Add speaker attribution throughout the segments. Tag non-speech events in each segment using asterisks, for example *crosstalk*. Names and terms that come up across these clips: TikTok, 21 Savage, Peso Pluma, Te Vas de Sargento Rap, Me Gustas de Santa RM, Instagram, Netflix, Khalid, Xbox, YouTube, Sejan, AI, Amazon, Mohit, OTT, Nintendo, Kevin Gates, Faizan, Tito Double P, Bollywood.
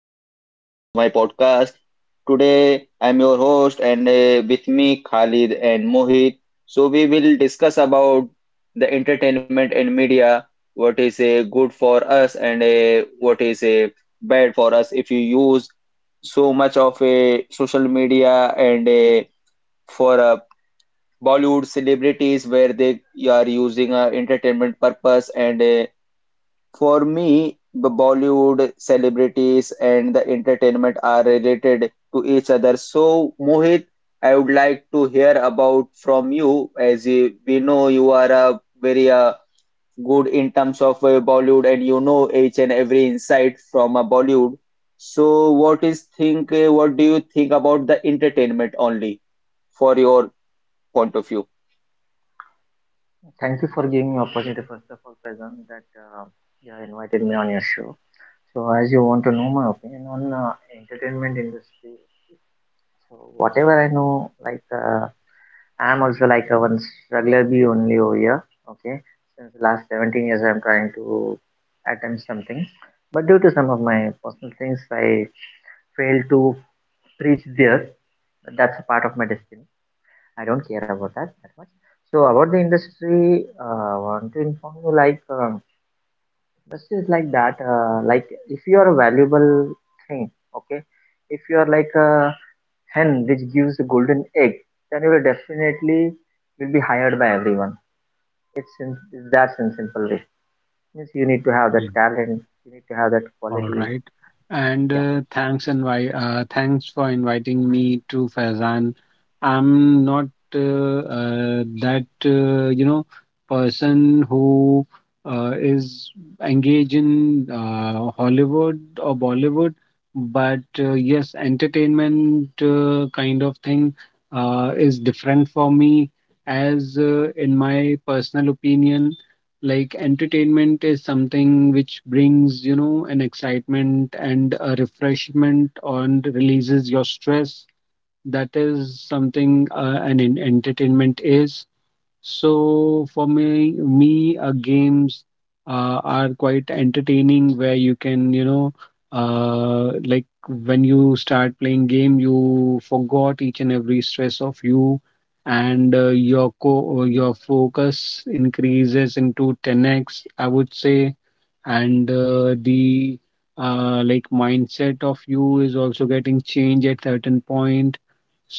Speaker 1: everyone, welcome to my podcast. Today, I'm your host, and with me, Khalid and Mohit. So, we will discuss about the entertainment and media, what is good for us and what is bad for us if you use so much of a social media and a, for Bollywood celebrities where they are using a entertainment purpose and for me, the Bollywood celebrities and the entertainment are related to each other. So, Mohit, I would like to hear about from you, as we know you are a very good in terms of Bollywood and you know each and every insight from a Bollywood. So, what is think? What do you think about the entertainment only for your point of view?
Speaker 2: Thank you for giving me opportunity first of all, present that you have invited me on your show. So as you want to know my opinion on entertainment industry, so whatever I know, I'm also like a one regular bee only over here. Okay, since the last 17 years, I'm trying to attempt something, but due to some of my personal things, I failed to reach there. But that's a part of my destiny. I don't care about that much. So about the industry, I want to inform you like. Industry is like that like if you are a valuable thing, okay, if you are like a hen which gives a golden egg, then you will definitely will be hired by everyone. It's that in simple way, means you need to have that
Speaker 3: Okay,
Speaker 2: talent, you need to have that quality.
Speaker 3: all right.
Speaker 2: Yeah,
Speaker 3: And thanks for inviting me to Faizan. I'm not that person who is engaged in Hollywood or Bollywood, but yes, entertainment kind of thing is different for me. As in my personal opinion, like entertainment is something which brings, an excitement and a refreshment and releases your stress. That is something entertainment is. So for me, games are quite entertaining where you can, like when you start playing game, you forgot each and every stress of you, and your focus increases into 10x, I would say. And the like mindset of you is also getting changed at certain point,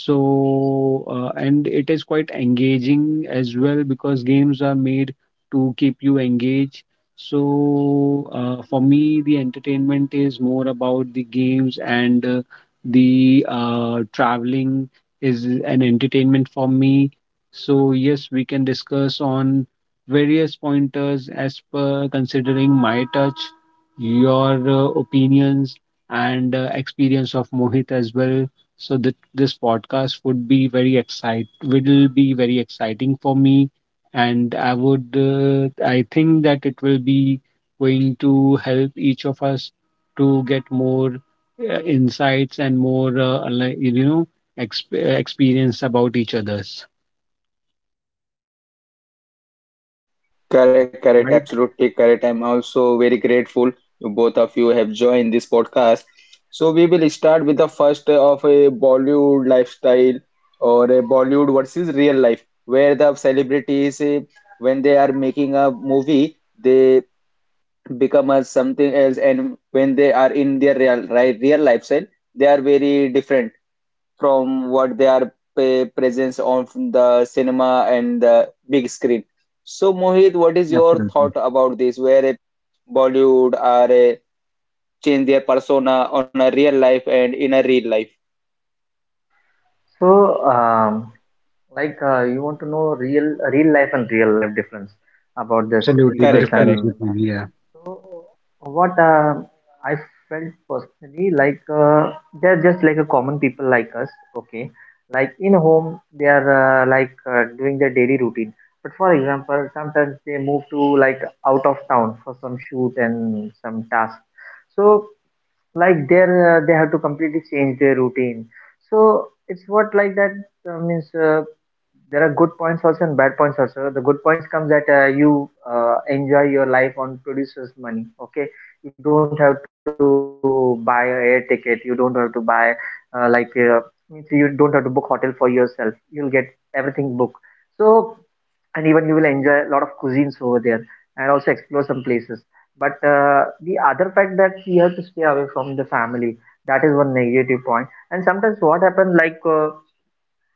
Speaker 3: so, and it is quite engaging as well because games are made to keep you engaged. So, for me, the entertainment is more about the games, and the traveling is an entertainment for me. So, yes, we can discuss on various pointers as per considering my touch, your opinions, and experience of Mohit as well. So that this podcast would be very excite will be very exciting for me, and I think that it will be going to help each of us to get more insights and more experience about each other's.
Speaker 1: Correct, correct,
Speaker 3: Right?
Speaker 1: absolutely correct. I'm also very grateful to both of you have joined this podcast. So we will start with the first of a Bollywood lifestyle or a Bollywood versus real life, where the celebrities, when they are making a movie, they become as something else, and when they are in their real, right, real lifestyle, they are very different from what they are presence on the cinema and the big screen. So Mohit, what is your thought
Speaker 3: Absolutely.
Speaker 1: about this? Where a Bollywood are a change their persona on a real life and in a real life?
Speaker 2: so you want to know real life and real life difference about this
Speaker 3: Absolutely.
Speaker 2: peoples
Speaker 1: Correct,
Speaker 3: The
Speaker 2: and
Speaker 1: correct.
Speaker 3: difference
Speaker 2: that.
Speaker 3: between, yeah.
Speaker 2: So what I felt personally they're just like a common people like us, okay? Like in home, they are doing their daily routine. But for example, sometimes they move to like out of town for some shoot and some task. So like there, they have to completely change their routine, so it's what like that means there are good points also and bad points also. The good points come that you enjoy your life on producer's money, okay? You don't have to buy a air ticket, you don't have to buy, uh, like uh, means you don't have to book hotel for yourself, you'll get everything booked. So and even you will enjoy a lot of cuisines over there and also explore some places. But the other fact that we have to stay away from the family, that is one negative point. And sometimes what happens,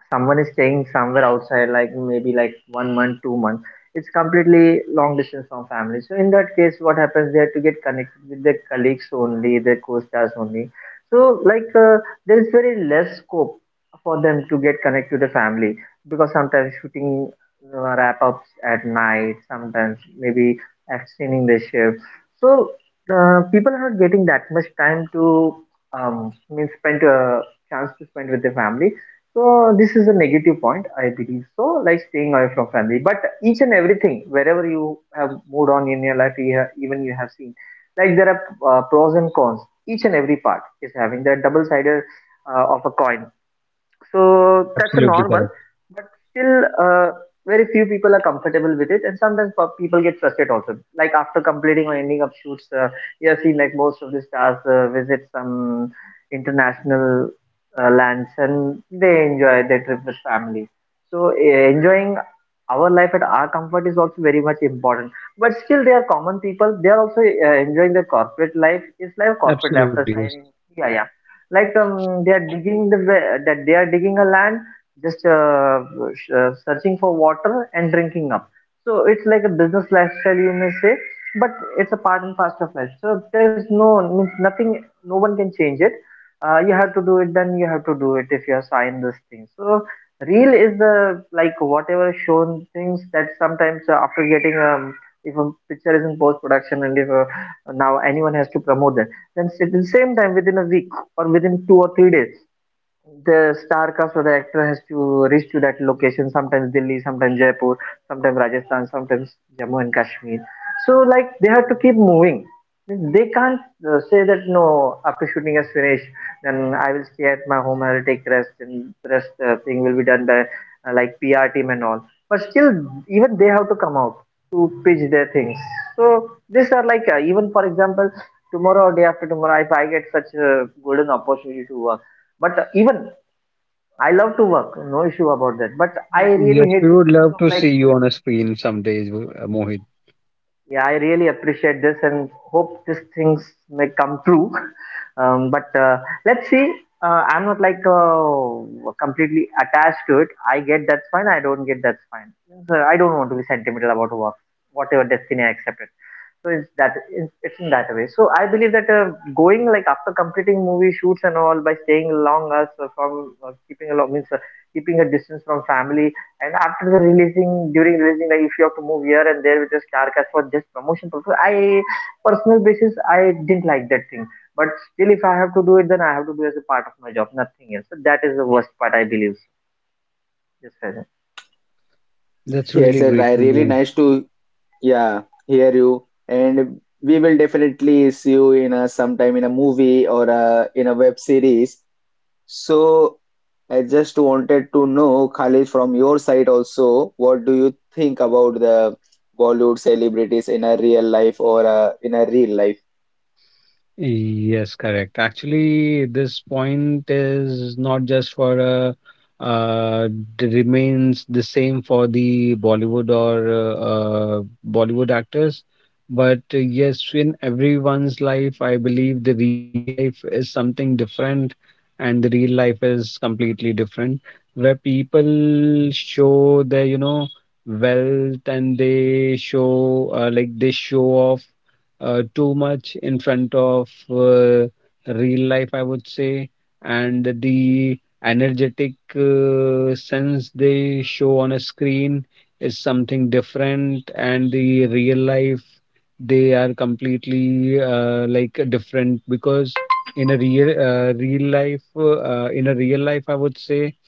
Speaker 2: someone is staying somewhere outside, like maybe like one month, 2 months, it's completely long distance from family. So in that case, what happens? They have to get connected with their colleagues only, their co-stars only. So there is very less scope for them to get connected to the family, because sometimes shooting wrap ups at night, sometimes maybe extending the shift. So people are not getting that much time to, means spend a chance to spend with their family. So this is a negative point, I believe so, like staying away from family. But each and everything, wherever you have moved on in your life, you have, even you have seen, like there are pros and cons. Each and every part is having the double-sided of a coin. So that's a
Speaker 3: Absolutely
Speaker 2: normal,
Speaker 3: correct.
Speaker 2: but still very few people are comfortable with it, and sometimes people get frustrated also. Like after completing or ending up shoots, you have seen like most of the stars visit some international lands and they enjoy their trip with family. So enjoying our life at our comfort is also very much important. But still, they are common people. They are also enjoying their corporate life. It's like corporate life after
Speaker 3: Absolutely, yes.
Speaker 2: signing. Yeah, they are digging the that they are digging a land just searching for water and drinking up. So it's like a business lifestyle, you may say, but it's a part and parcel of life, so there's no, means nothing, no one can change it. You have to do it, then you have to do it if you have signed this thing. So real is the like whatever shown things that sometimes after getting, if a picture is in post production and if now anyone has to promote that, then at the same time within a week or within 2 or 3 days, the star cast or the actor has to reach to that location, sometimes Delhi, sometimes Jaipur, sometimes Rajasthan, sometimes Jammu and Kashmir. So like they have to keep moving, they can't say that no, after shooting is finished, then I will stay at my home, I'll take rest, and the rest thing will be done by PR team and all. But still, even they have to come out to pitch their things. So these are even for example, tomorrow or day after tomorrow, if I get such a golden opportunity to work, but even I love to work, no issue about that. But I really
Speaker 3: Yes,
Speaker 2: hate this
Speaker 3: we would
Speaker 2: piece of
Speaker 3: love to
Speaker 2: like,
Speaker 3: see you on a screen some days, Mohit.
Speaker 2: yeah, I really appreciate this and hope these things may come true. *laughs* But let's see. I'm not completely attached to it. I get that's fine. I don't get that's fine. So I don't want to be sentimental about work, whatever destiny I accepted. So it's that, it's in that way. So I believe that going like after completing movie shoots and all by staying long us from, keeping a long, means keeping a distance from family, and after the releasing, during releasing, like if you have to move here and there with just carcass for just promotion purpose, I personal basis, I didn't like that thing. But still, if I have to do it, then I have to do as a part of my job, nothing else. So that is the worst part, I believe. Yes sir.
Speaker 3: That's
Speaker 1: Yes,
Speaker 3: really
Speaker 1: and I
Speaker 3: great to
Speaker 1: really
Speaker 3: know.
Speaker 1: nice to yeah hear you. And we will definitely see you in a sometime in a movie or a, in a web series. So I just wanted to know, Khalid, from your side also, what do you think about the Bollywood celebrities in a real life or in a real life?
Speaker 3: Yes, correct. Actually, this point is not just for uh remains the same for the Bollywood or uh, Bollywood actors, but yes, in everyone's life, I believe the real life is something different, and the real life is completely different, where people show their, wealth and they show like they show off too much in front of real life, I would say, and the energetic sense they show on a screen is something different, and the real life they are completely like different because in a real life, I would say,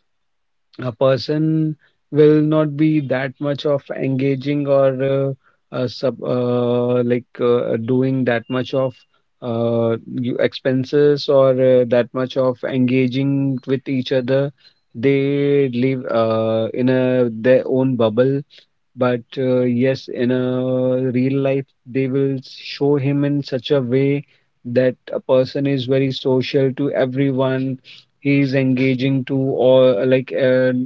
Speaker 3: a person will not be that much of engaging or sub like doing that much of expenses or that much of engaging with each other. They live in a their own bubble, but yes, in a real life, they will show him in such a way that a person is very social to everyone. He is engaging to all, like uh,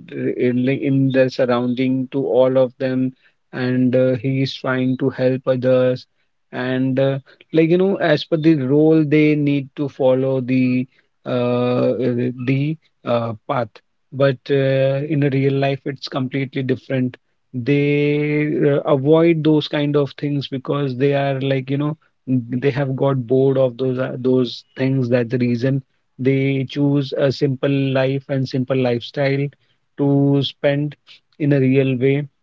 Speaker 3: in, like, in the surrounding to all of them, and he is trying to help others. And like you know, as per the role, they need to follow uh, the path. But in a real life, it's completely different. They avoid those kind of things because they are like you know they have got bored of those things. That's the reason they choose a simple life and simple lifestyle to spend in a real way.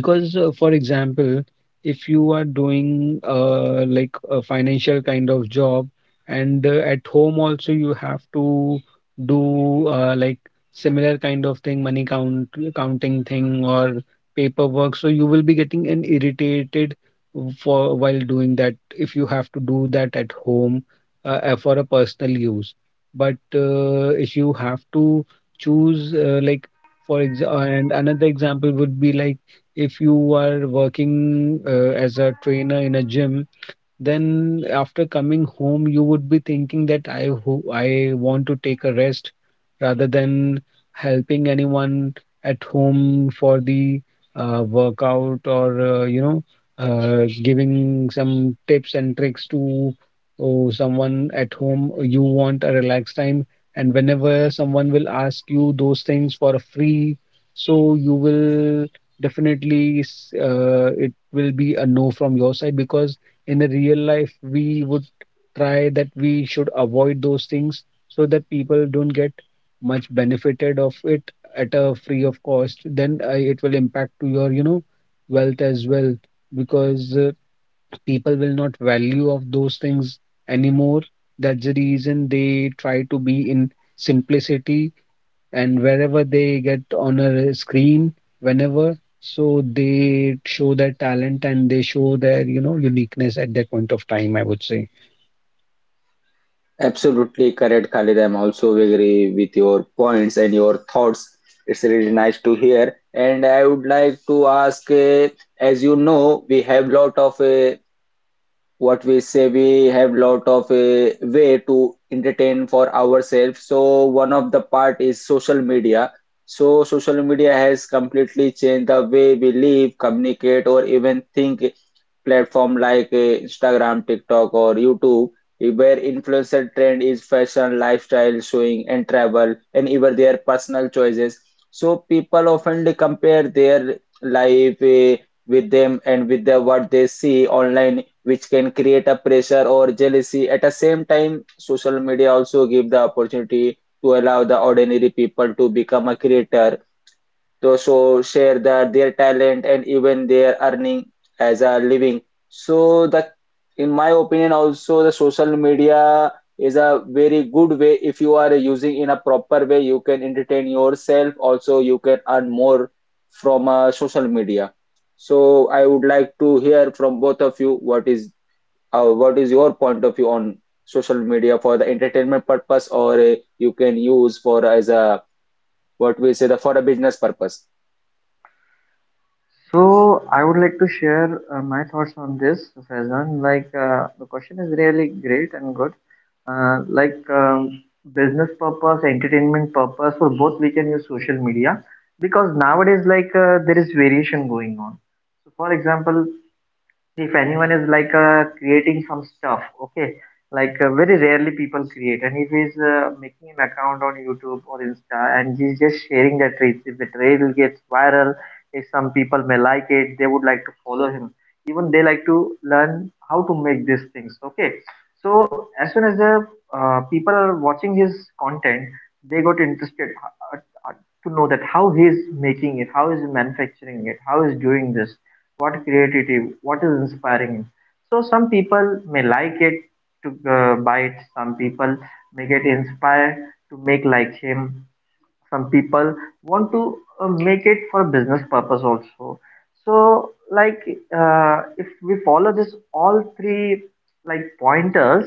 Speaker 3: Because for example, if you are doing like a financial kind of job, and at home also you have to do like similar kind of thing, money count counting thing or paperwork, so you will be getting an irritated for while doing that if you have to do that at home, for a personal use. But if you have to choose like, for example, and another example would be like if you are working as a trainer in a gym, then after coming home you would be thinking that I want to take a rest rather than helping anyone at home for the workout or giving some tips and tricks to, oh, someone at home. You want a relaxed time, and whenever someone will ask you those things for free, so you will it will be a no from your side, because in the real life we would try that we should avoid those things so that people don't get much benefited of it at a free of cost. Then it will impact to your, you know, wealth as well, because people will not value of those things anymore. That's the reason they try to be in simplicity, and wherever they get on a screen, whenever, so they show their talent and they show their, you know, uniqueness at that point of time, I would say.
Speaker 1: Absolutely correct, Khalid. I'm also agree with your points and your thoughts. It's really nice to hear. And I would like to ask, as you know, we have lot of what we say, we have lot of a way to entertain for ourselves, so one of the part is social media. So social media has completely changed the way we live, communicate, or even think. Platform like Instagram, TikTok, or YouTube, where influencer trend is fashion, lifestyle showing and travel, and even their personal choices. So people often compare their life with them and with the, what they see online, which can create a pressure or jealousy. At the same time, social media also give the opportunity to allow the ordinary people to become a creator, to so share the, their talent and even their earning as a living. So the, in my opinion also, the social media is a very good way. If you are using in a proper way, you can entertain yourself also, you can earn more from social media. So I would like to hear from both of you, what is your point of view on social media for the entertainment purpose or you can use for as a, what we say, the for a business purpose?
Speaker 2: So I would like to share my thoughts on this, Faizan. The question is really great and good. Uh, like um, business purpose, entertainment purpose, for both we can use social media, because nowadays there is variation going on. So for example, if anyone is creating some stuff, okay, very rarely people create, and if he's making an account on YouTube or Insta, and he's just sharing that reels, if the reel gets viral, if some people may like it, they would like to follow him, even they like to learn how to make these things, okay? So as soon as the people are watching his content, they got interested, uh, uh, to know that how he's making it, how is he manufacturing it, how is doing this, what created him, what is inspiring him. So some people may like it to buy it, some people may get inspired to make like him, some people want to make it for business purpose also. So if we follow this all three like pointers,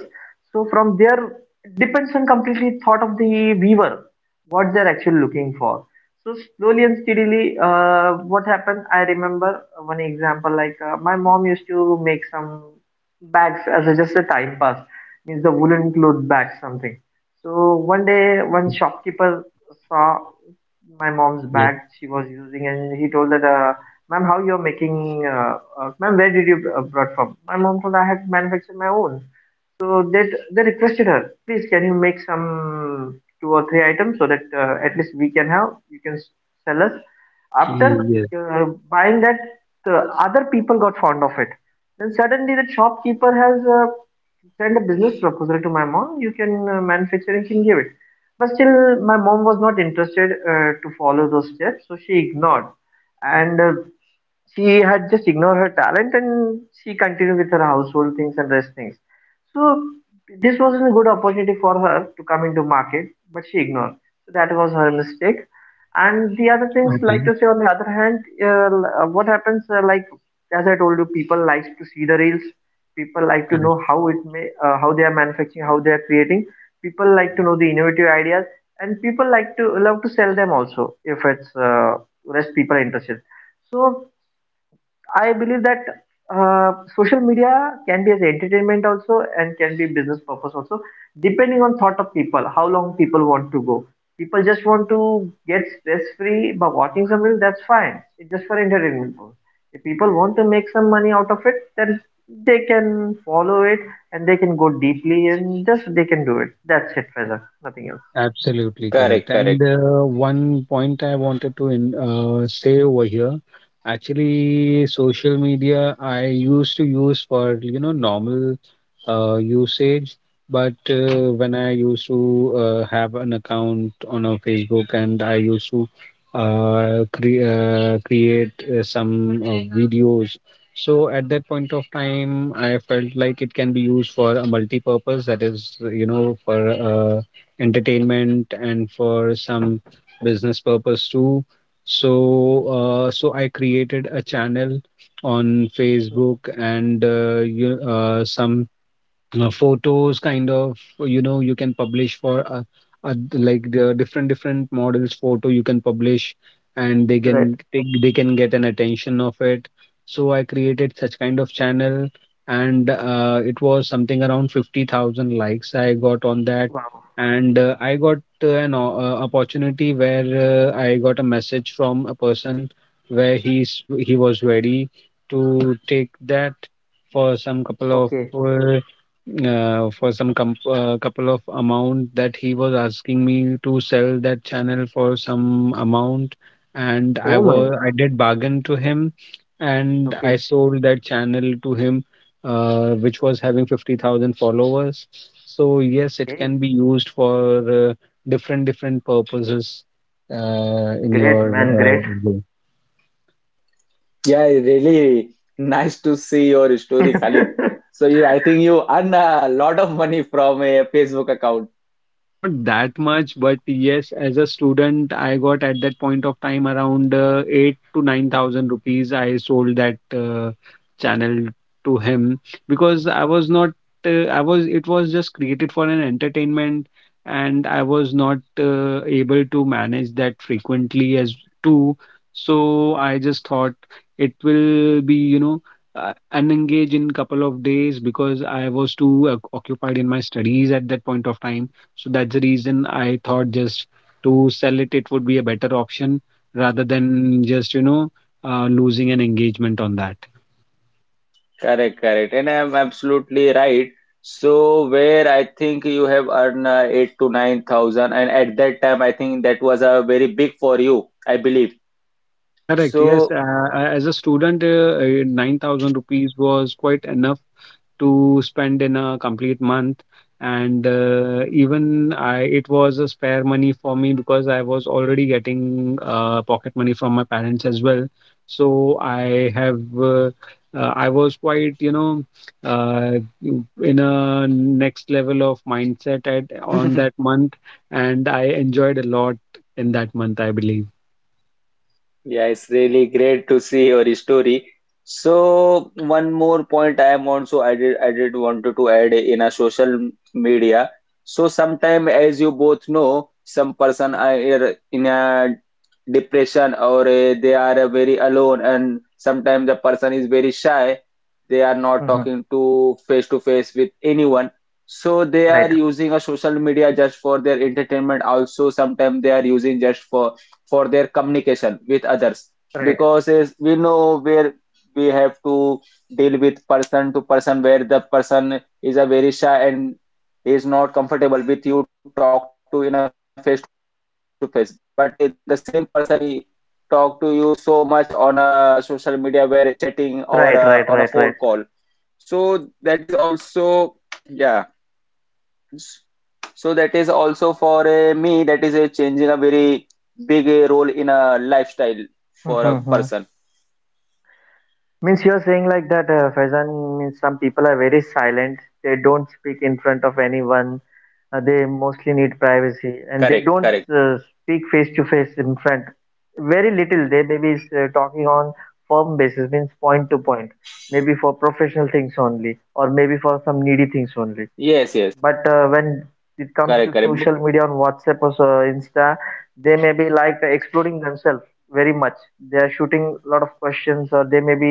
Speaker 2: so from there it depends on completely thought of the viewer, what they're actually looking for. So slowly and steadily, what happened? I remember one example, my mom used to make some bags as a, just a time pass, means the woolen cloth bag something. So one day, one
Speaker 3: Okay.
Speaker 2: shopkeeper saw my mom's
Speaker 3: Yes.
Speaker 2: bag she was using, and he told that, "Ma'am, how you're making? Ma'am, where did you brought from?" My mom told, "I had manufactured my own." So they requested her, please can you make some two or three items so that at least we can have, you can sell us. After
Speaker 3: Mm. Yes.
Speaker 2: uh, buying that, the other people got fond of it. Then suddenly the shopkeeper has send a business proposal to my mom, you can manufacturing, can give it. But still, my mom was not interested to follow those steps, so she ignored. And she had just ignored her talent, and she continued with her household things and rest things. So this wasn't a good opportunity for her to come into market, but she ignored. So that was her mistake. And the other things
Speaker 3: Okay.
Speaker 2: like to say on the other hand, what happens as I told you, people likes to see the reels, people like to know
Speaker 3: Correct.
Speaker 2: how it may how they are manufacturing, how they are creating, people like to know the innovative ideas, and people like to love to sell them also. If it's less people are interested, so I believe that social media can be as entertainment also and can be business purpose also, depending on thought of people, how long people want to go. People just want to get stress free by watching something, that's fine. It's just for entertainment purpose. If people want to make some money out of it, then they can follow it, and they can go deeply and just they can do it. That's it, Faizan. Nothing else.
Speaker 3: Absolutely
Speaker 1: Correct,
Speaker 3: correct.
Speaker 1: correct.
Speaker 3: And one point I wanted to say over here, actually, social media I used to use for you know normal usage, but when I used to have an account on a Facebook and I used to create some videos. So at that point of time, I felt like it can be used for a multi-purpose. That is, you know, for entertainment and for some business purpose too. So, so I created a channel on Facebook,
Speaker 2: Mhm,
Speaker 3: and some photos kind of you know you can publish for
Speaker 2: mhm.
Speaker 3: like the different different models photo you can publish, and
Speaker 2: Right.
Speaker 3: they can get an attention of it. So I created such kind of channel, and it was something around 50,000 likes I got on that.
Speaker 2: Wow.
Speaker 3: And I got opportunity where I got a message from a person where he was ready to take that for some couple
Speaker 2: Okay.
Speaker 3: of uh, couple of amount, that he was asking me to sell that channel for some amount. And
Speaker 2: Oh my.
Speaker 3: I did bargain to him, and I
Speaker 2: Okay.
Speaker 3: sold that channel to him, which was having 50,000 followers. So yes, it
Speaker 2: Okay.
Speaker 3: can be used for different different purposes in
Speaker 2: Great
Speaker 3: your
Speaker 2: man. Great.
Speaker 3: way.
Speaker 1: Yeah, really nice to see your
Speaker 2: *laughs*
Speaker 1: story, Khalid. So you, I think you earn a lot of money from a Facebook account.
Speaker 3: Not that much, but yes, as a student, I got at that point of time around eight to nine thousand rupees. I sold that channel to him because I was not, I was, it was just created for an entertainment, and I was not able to manage that frequently as too. So I just thought it will be, you know, unengaged in couple of days because I was too occupied in my studies at that point of time, so that's the reason I thought just to sell it, it would be a better option rather than just, you know, losing an engagement on that.
Speaker 1: Correct, correct. And I'm absolutely right. So where I think you have earned eight to nine thousand, and at that time I think that was a very big for you, I believe.
Speaker 3: Correct. Yes.
Speaker 1: So
Speaker 3: As a student, 9,000 rupees was quite enough to spend in a complete month. And even I, it was a spare money for me because I was already getting pocket money from my parents as well. So I was quite, you know, uh, in a next level of mindset at on
Speaker 1: *laughs*
Speaker 3: that month, and I enjoyed a lot in that month, I believe.
Speaker 1: Yeah, it's really great to see your story. So one more point I am also added. Did I did wanted to add in a social media. So sometime, as you both know, some person are in a depression or they are very alone, and sometimes the person is very shy. They are not
Speaker 2: Mhm.
Speaker 1: talking to face with anyone. So they
Speaker 2: Right,
Speaker 1: are using a social media just for their entertainment. Also, sometimes they are using just for their communication with others,
Speaker 2: right,
Speaker 1: because is we know where we have to deal with person to person, where the person is a very shy and is not comfortable with you talk to in a face to face, but the same person, he talk to you so much on a social media, where chatting or
Speaker 2: right, right,
Speaker 1: on a
Speaker 2: right, right,
Speaker 1: phone
Speaker 2: right.
Speaker 1: call. So that is also yeah so that is also for me, that is changing a very big role in a lifestyle for a
Speaker 2: Mhm.
Speaker 1: person.
Speaker 2: Means you're saying like that, Faizan, means some people are very silent. They don't speak in front of anyone. They mostly need privacy and they don't
Speaker 1: Correct, correct.
Speaker 2: speak face to face in front. Very little. They maybe is talking on firm basis, means point to point. Maybe for professional things only, or maybe for some needy things only. but
Speaker 1: Yes,
Speaker 2: uh,
Speaker 1: yes.
Speaker 2: when it comes to social
Speaker 1: Correct,
Speaker 2: media on
Speaker 1: correct.
Speaker 2: WhatsApp or Insta, they may be like exploring themselves very much. They are shooting a lot of questions, or they may be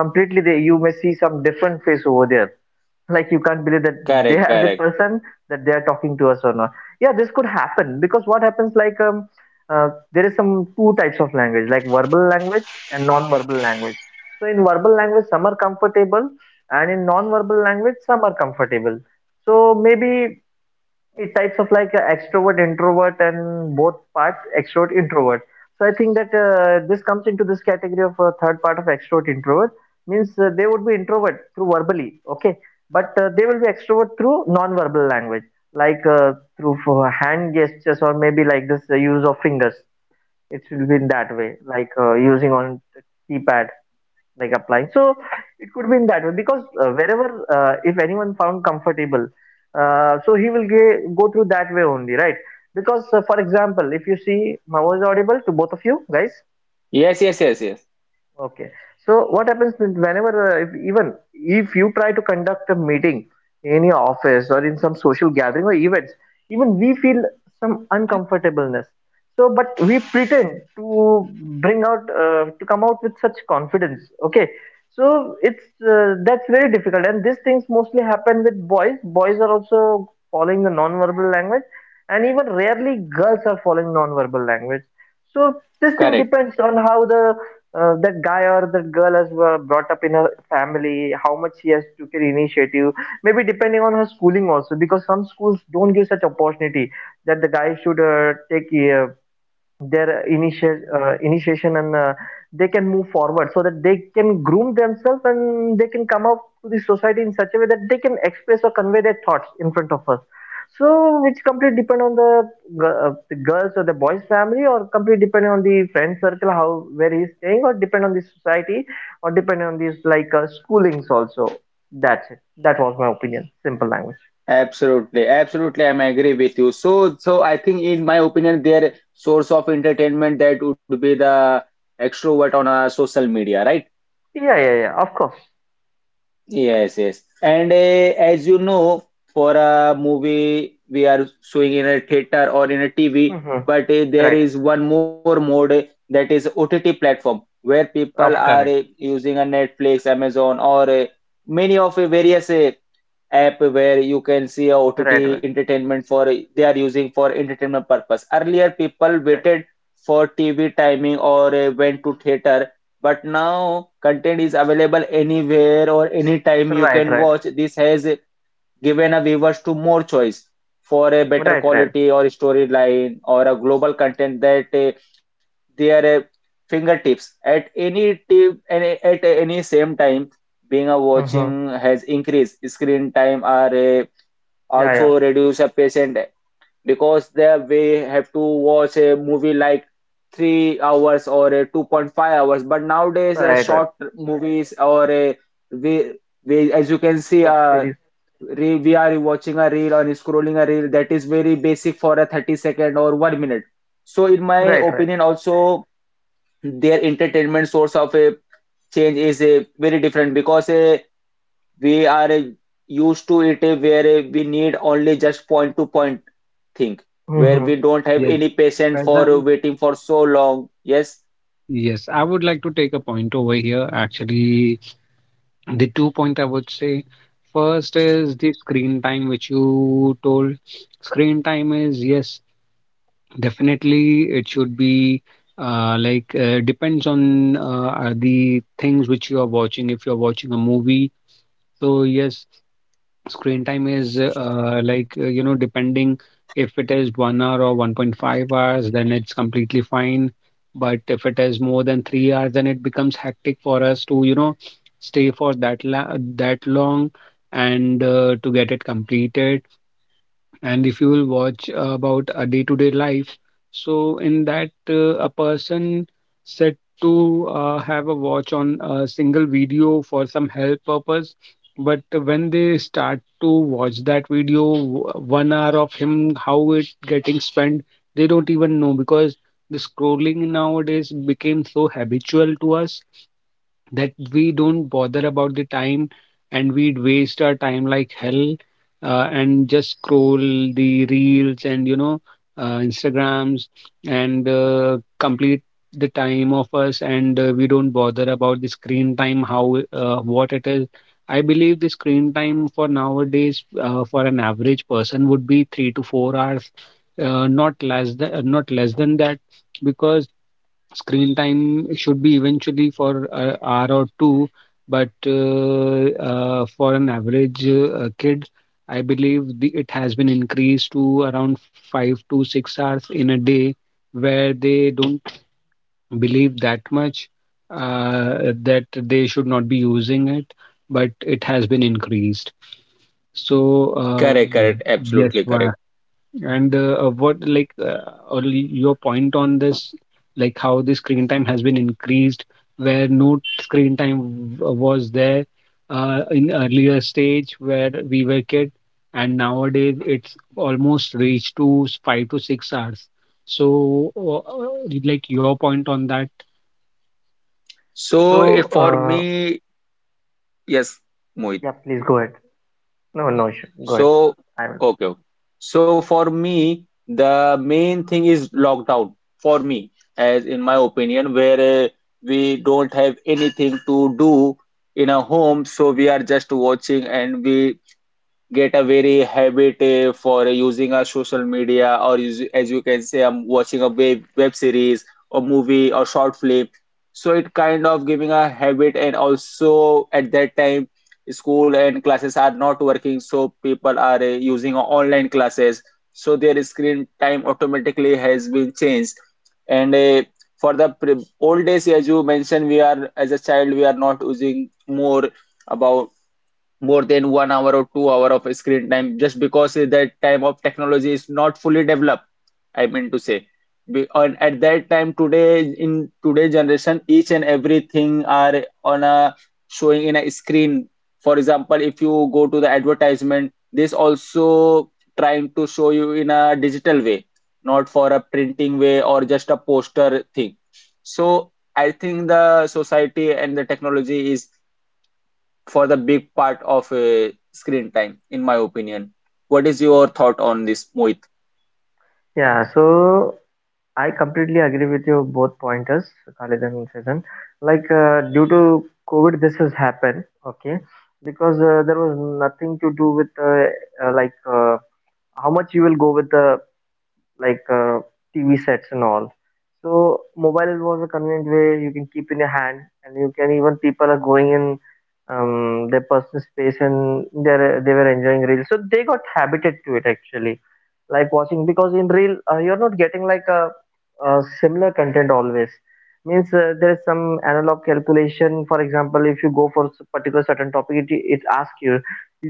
Speaker 2: completely, they, you may see some different face over there, like you can't believe that they are the person
Speaker 1: Correct,
Speaker 2: that they are
Speaker 1: correct.
Speaker 2: talking to us or not. Yeah, this could happen because what happens like there is some two types of language, like verbal language and non-verbal language. So in verbal language some are comfortable, and in non-verbal language some are comfortable. So maybe it types of like extrovert, introvert, and both parts extrovert, introvert. So I think that this comes into this category of third part of extrovert, introvert. Means they would be introvert through verbally, okay, but they will be extrovert through non-verbal language, like through for hand gestures or maybe like this use of fingers. It will be in that way, like using on keypad, like applying. So it could be in that way because wherever if anyone found comfortable, so he will go through that way only, right? Because for example, if you see my voice audible to both of you guys.
Speaker 1: Yes, yes, yes, yes.
Speaker 2: Okay. So what happens whenever, if, even if you try to conduct a meeting in your office or in some social gathering or events, even we feel some uncomfortableness. So, but we pretend to bring out, to come out with such confidence. Okay. So it's that's very difficult, and these things mostly happen with boys. Boys are also following the non-verbal language, and even rarely girls are following non-verbal language. So this thing
Speaker 1: Correct.
Speaker 2: depends on how the that guy or that girl has brought up in her family, how much he has took an initiative. Maybe depending on her schooling also, because some schools don't give such opportunity that the guy should take their initial initiation and they can move forward so that they can groom themselves and they can come up to the society in such a way that they can express or convey their thoughts in front of us. So it's completely depend on the, the girls or the boys family, or completely depending on the friend circle, how, where he's staying, or depend on the society, or depending on these like schoolings also. That's it. That was my opinion, simple language.
Speaker 1: Absolutely, absolutely. I'm agree with you. So, so I think in my opinion, their source of entertainment that would be the extrovert on a social media, right?
Speaker 2: Yeah, yeah, yeah, of course.
Speaker 1: Yes, yes. And as you know, for a movie we are showing in a theater or in a TV,
Speaker 2: Hmm.
Speaker 1: but there
Speaker 2: Right.
Speaker 1: is one more mode that is OTT platform, where people
Speaker 2: Of
Speaker 1: are
Speaker 3: Correct.
Speaker 1: using a Netflix, Amazon, or many of various app where you can see a
Speaker 2: right, right,
Speaker 1: OTT entertainment for they are using for entertainment purpose. Earlier, people
Speaker 2: right,
Speaker 1: waited for TV timing or went to theater, but now content is available anywhere or anytime you
Speaker 2: right,
Speaker 1: can
Speaker 2: right.
Speaker 1: watch. This has given a viewers to more choice for a better
Speaker 2: Right, right.
Speaker 1: quality or storyline or a global content that their fingertips at any tip and at any same time, being a watching
Speaker 2: Uh-huh.
Speaker 1: has increased screen time are
Speaker 2: Yeah, yeah.
Speaker 1: also reduce a patient, because they we have to watch a movie like 3 hours or a 2.5 hours, but nowadays
Speaker 2: Right, right.
Speaker 1: short movies or a we, we as you can see
Speaker 2: Web series.
Speaker 1: we are watching a reel or scrolling a reel, that is very basic for a 30 second or one minute. So in my
Speaker 2: Right, right.
Speaker 1: opinion also, their entertainment source of a change is a very different, because we are used to it, where we need only just point to point thing, where
Speaker 2: Uh-huh.
Speaker 1: we don't have any
Speaker 3: Yes,
Speaker 1: patient for
Speaker 3: present.
Speaker 1: waiting for so long. Yes,
Speaker 3: Yes, I would like to take a point over here. Actually, the two point I would say. First is the screen time, which you told. Screen time is, yes, definitely it should be like depends on the things which you are watching. If you are watching a movie, so yes. Screen time is, like, you know, depending if it is 1 hour or 1.5 hours, then it's completely fine. But if it is more than 3 hours, then it becomes hectic for us to, stay for that long and to get it completed. And if you will watch about a day-to-day life, so in that a person said to have a watch on a single video for some health purpose. But when they start to watch that video, 1 hour of him, how it getting spent, they don't even know, because the scrolling nowadays became so habitual to us that we don't bother about the time, and we'd waste our time like hell, and just scroll the reels, and instagrams, and complete the time of us. And we don't bother about the screen time, how what it is. I believe the screen time for nowadays, for an average person, would be 3 to 4 hours, not less than not less than that. Because screen time should be eventually for an hour or two, but for an average kid, I believe it has been increased to around 5 to 6 hours in a day, where they don't believe that much that they should not be using it, but it has been increased. So, uh,
Speaker 1: correct, correct,
Speaker 3: yes.
Speaker 1: absolutely correct.
Speaker 3: And what, or your point on this, like how the screen time has been increased, where no screen time was there in earlier stage where we were kid, and nowadays it's almost reached to 5 to 6 hours. So, like your point on that.
Speaker 1: So
Speaker 2: So,
Speaker 1: for
Speaker 2: uh,
Speaker 1: me, yes,
Speaker 2: yeah,
Speaker 1: Mohit.
Speaker 2: please go ahead. No, no issue. Go ahead.
Speaker 1: So,
Speaker 2: I will.
Speaker 1: okay. Okay. So for me, the main thing is lockdown for me, as in my opinion, where we don't have anything to do in a home, so we are just watching and we get a very habit, for using a social media, or as you can say, I'm watching a web series or movie or short film. So it kind of giving a habit, and also at that time, school and classes are not working, so people are using online classes, so their screen time automatically has been changed. And for the old days, as you mentioned, we are as a child, we are not using more about more than one hour or two hour of screen time, just because that time of technology is not fully developed. I mean to say, Be- on at that time, today, in today generation, each and everything are on a showing in a screen. For example, if you go to the advertisement, this also trying to show you in a digital way, not for a printing way or just a poster thing. So I think the society and the technology is for the big part of screen time, in my opinion. What is your thought on this, Mohit?
Speaker 2: Yeah, so I completely agree with your both pointers, Khalid and Sejan. Like, due to COVID, this has happened, okay? Because there was nothing to do with like how much you will go with the like TV sets and all. So mobile was a convenient way, you can keep in your hand, and you can even, people are going in their personal space, and they were enjoying reels, so they got habited to it actually, like watching, because in reel you're not getting like a similar content always. Means there is some analog calculation. For example, if you go for particular certain topic, it asks you,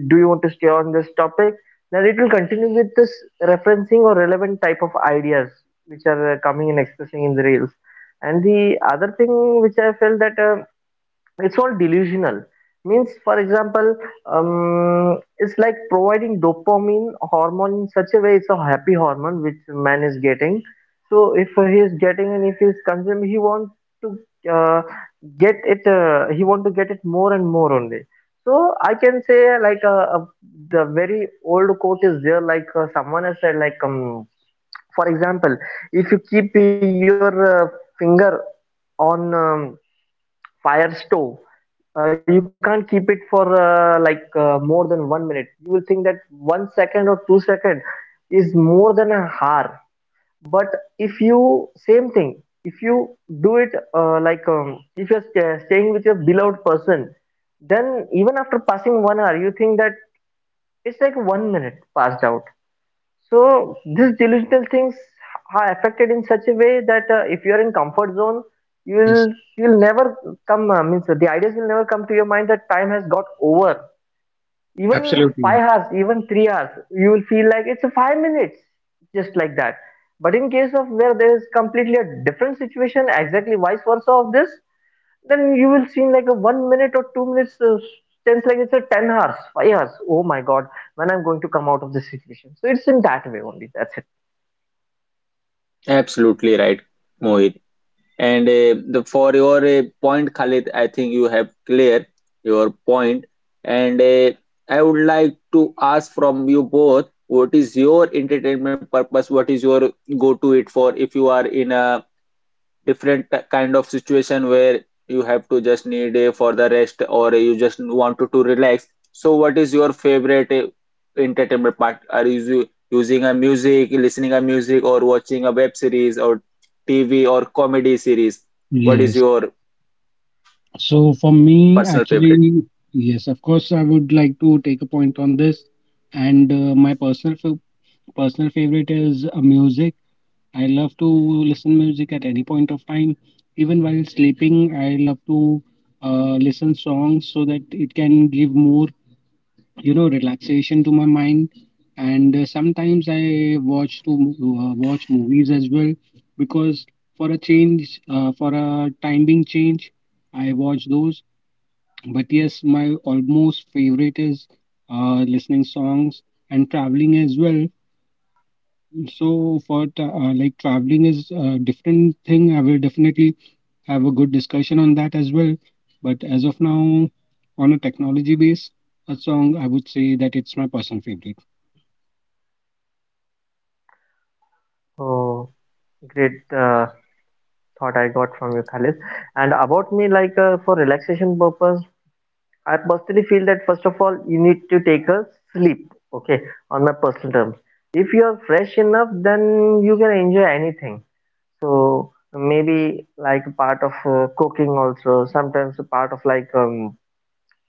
Speaker 2: do you want to stay on this topic? Now it will continue with this referencing or relevant type of ideas which are coming and expressing in the reels. And the other thing which I felt that it's all delusional. Means, for example, it's like providing dopamine hormone in such a way, it's a happy hormone which man is getting. So if he is getting and if he is consuming, he wants to uh, get it, he want to get it more and more only. So I can say like the very old quote is there, like someone has said like for example, if you keep your finger on fire stove, you can't keep it for like more than 1 minute. You will think that 1 second or 2 second is more than a hour. But if you, same thing, if you do it like if you're staying with your beloved person, then even after passing 1 hour you think that it's like 1 minute passed out. So these delusional things are affected in such a way that if you are in comfort zone, you
Speaker 3: Yes,
Speaker 2: will, you will never come, means the ideas will never come to your mind that time has got over. Even
Speaker 3: absolutely.
Speaker 2: 5 hours, even 3 hours, you will feel like it's a 5 minutes, just like that. But in case of where there is completely a different situation, exactly vice versa of this, then you will see in like a 1 minute or 2 minutes sense like it's a 10 hours, 5 hours, oh my god, when I'm going to come out of this situation. So it's in that way only. That's it.
Speaker 1: Absolutely right, Mohit. And the for your point, Khalid, I think you have clear your point. And I would like to ask from you both, what is your entertainment purpose? What is your go to it for, if you are in a different kind of situation where you have to just need a for the rest, or you just want to relax? So what is your favorite entertainment part? Are you using a music, listening a music, or watching a web series or TV or comedy series? What is
Speaker 3: Yes,
Speaker 1: your
Speaker 3: so for me,
Speaker 1: personal favorite?
Speaker 3: actually, yes, of course, I would like to take a point on this, and personal favorite is music. I love to listen music at any point of time. Even while sleeping, I love to listen songs so that it can give more, you know, relaxation to my mind. And sometimes I watch movies as well, because for a change, for a time being change, I watch those. But yes, my almost favorite is listening songs and traveling as well. So for tra- like traveling is a different thing. I will definitely have a good discussion on that as well. But as of now, on a technology base, a song I would say that it's my personal favorite.
Speaker 2: Oh, great thought I got from you, Khalid. And about me, like for relaxation purpose, I personally feel that first of all you need to take a sleep, okay, on my personal terms. If you are fresh enough, then you can enjoy anything. So maybe like a part of cooking also, sometimes a part of like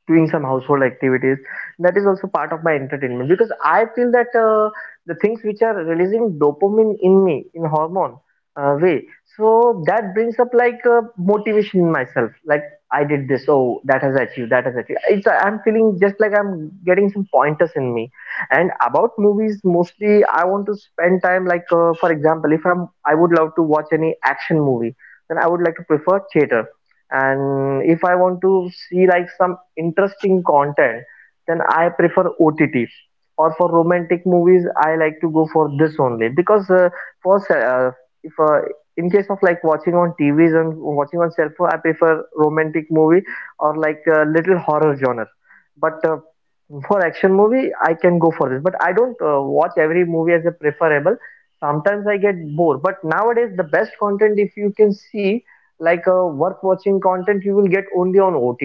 Speaker 2: doing some household activities, that is also part of my entertainment, because I feel that the things which are releasing dopamine in me, in hormone way, so that brings up like motivation in myself, like I did this, oh that has achieved, that has achieved, I'm feeling just like I'm getting some pointers in me. And about movies, mostly I want to spend time like for example, if I'm I would love to watch any action movie, then I would like to prefer theater. And if I want to see like some interesting content, then I prefer OTT. Or for romantic movies, I like to go for this only because for if in case of like watching on TVs and watching on cell phone, I prefer romantic movie or like little horror genre. But for action movie, I can go for this. But I don't watch every movie as a preferable. Sometimes I get bored. But nowadays, the best content, if you can see, like worth watching content you will get only on OTT,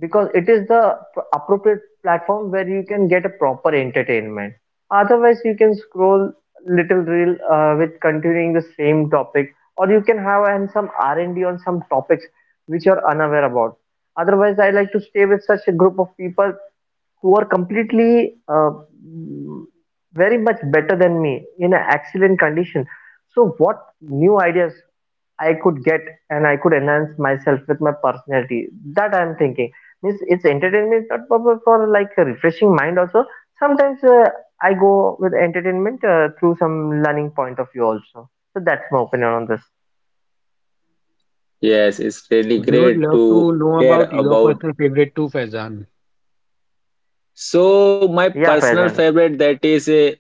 Speaker 2: because it is the appropriate platform where you can get a proper entertainment. Otherwise you can scroll little reel with continuing the same topic, or you can have and some R&D on some topics which you're unaware about. Otherwise I like to stay with such a group of people who are completely mm, very much better than me in an excellent condition. So what new ideas I could get, and I could enhance myself with my personality. That I'm thinking. Means it's entertainment is not proper for like a refreshing mind also. Sometimes I go with entertainment through some learning point of view also. So that's my opinion on this.
Speaker 1: Yes, it's really
Speaker 3: We would
Speaker 1: great to
Speaker 3: love to know
Speaker 1: hear
Speaker 3: about your
Speaker 1: about.
Speaker 3: personal favorite too, Faizan.
Speaker 1: So my
Speaker 2: Yeah, Faizan.
Speaker 1: personal favorite, that is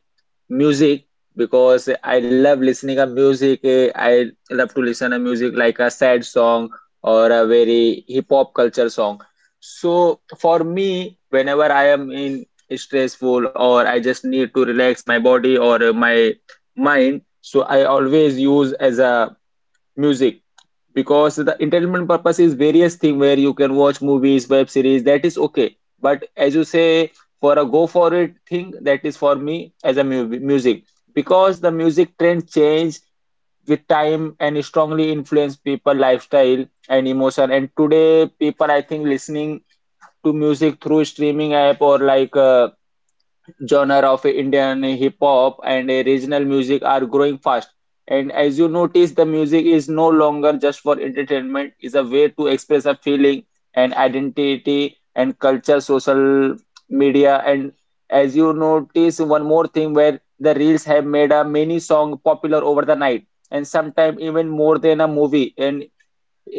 Speaker 1: music, because I love listening a music. I love to listen a music like a sad song or a very hip hop culture song. So for me, whenever I am in stressful or I just need to relax my body or my mind, so I always use as a music, because the entertainment purpose is various thing where you can watch movies, web series, that is okay, but as you say, for a go for it thing, that is for me as a music, because the music trend change with time and strongly influence people lifestyle and emotion, and today people, I think, listening to music through streaming app or like genre of Indian hip hop and regional music are growing fast. And as you notice, the music is no longer just for entertainment; is a way to express a feeling and identity and culture, social media, and as you notice, one more thing where the reels have made a many song popular over the night, and sometimes even more than a movie. And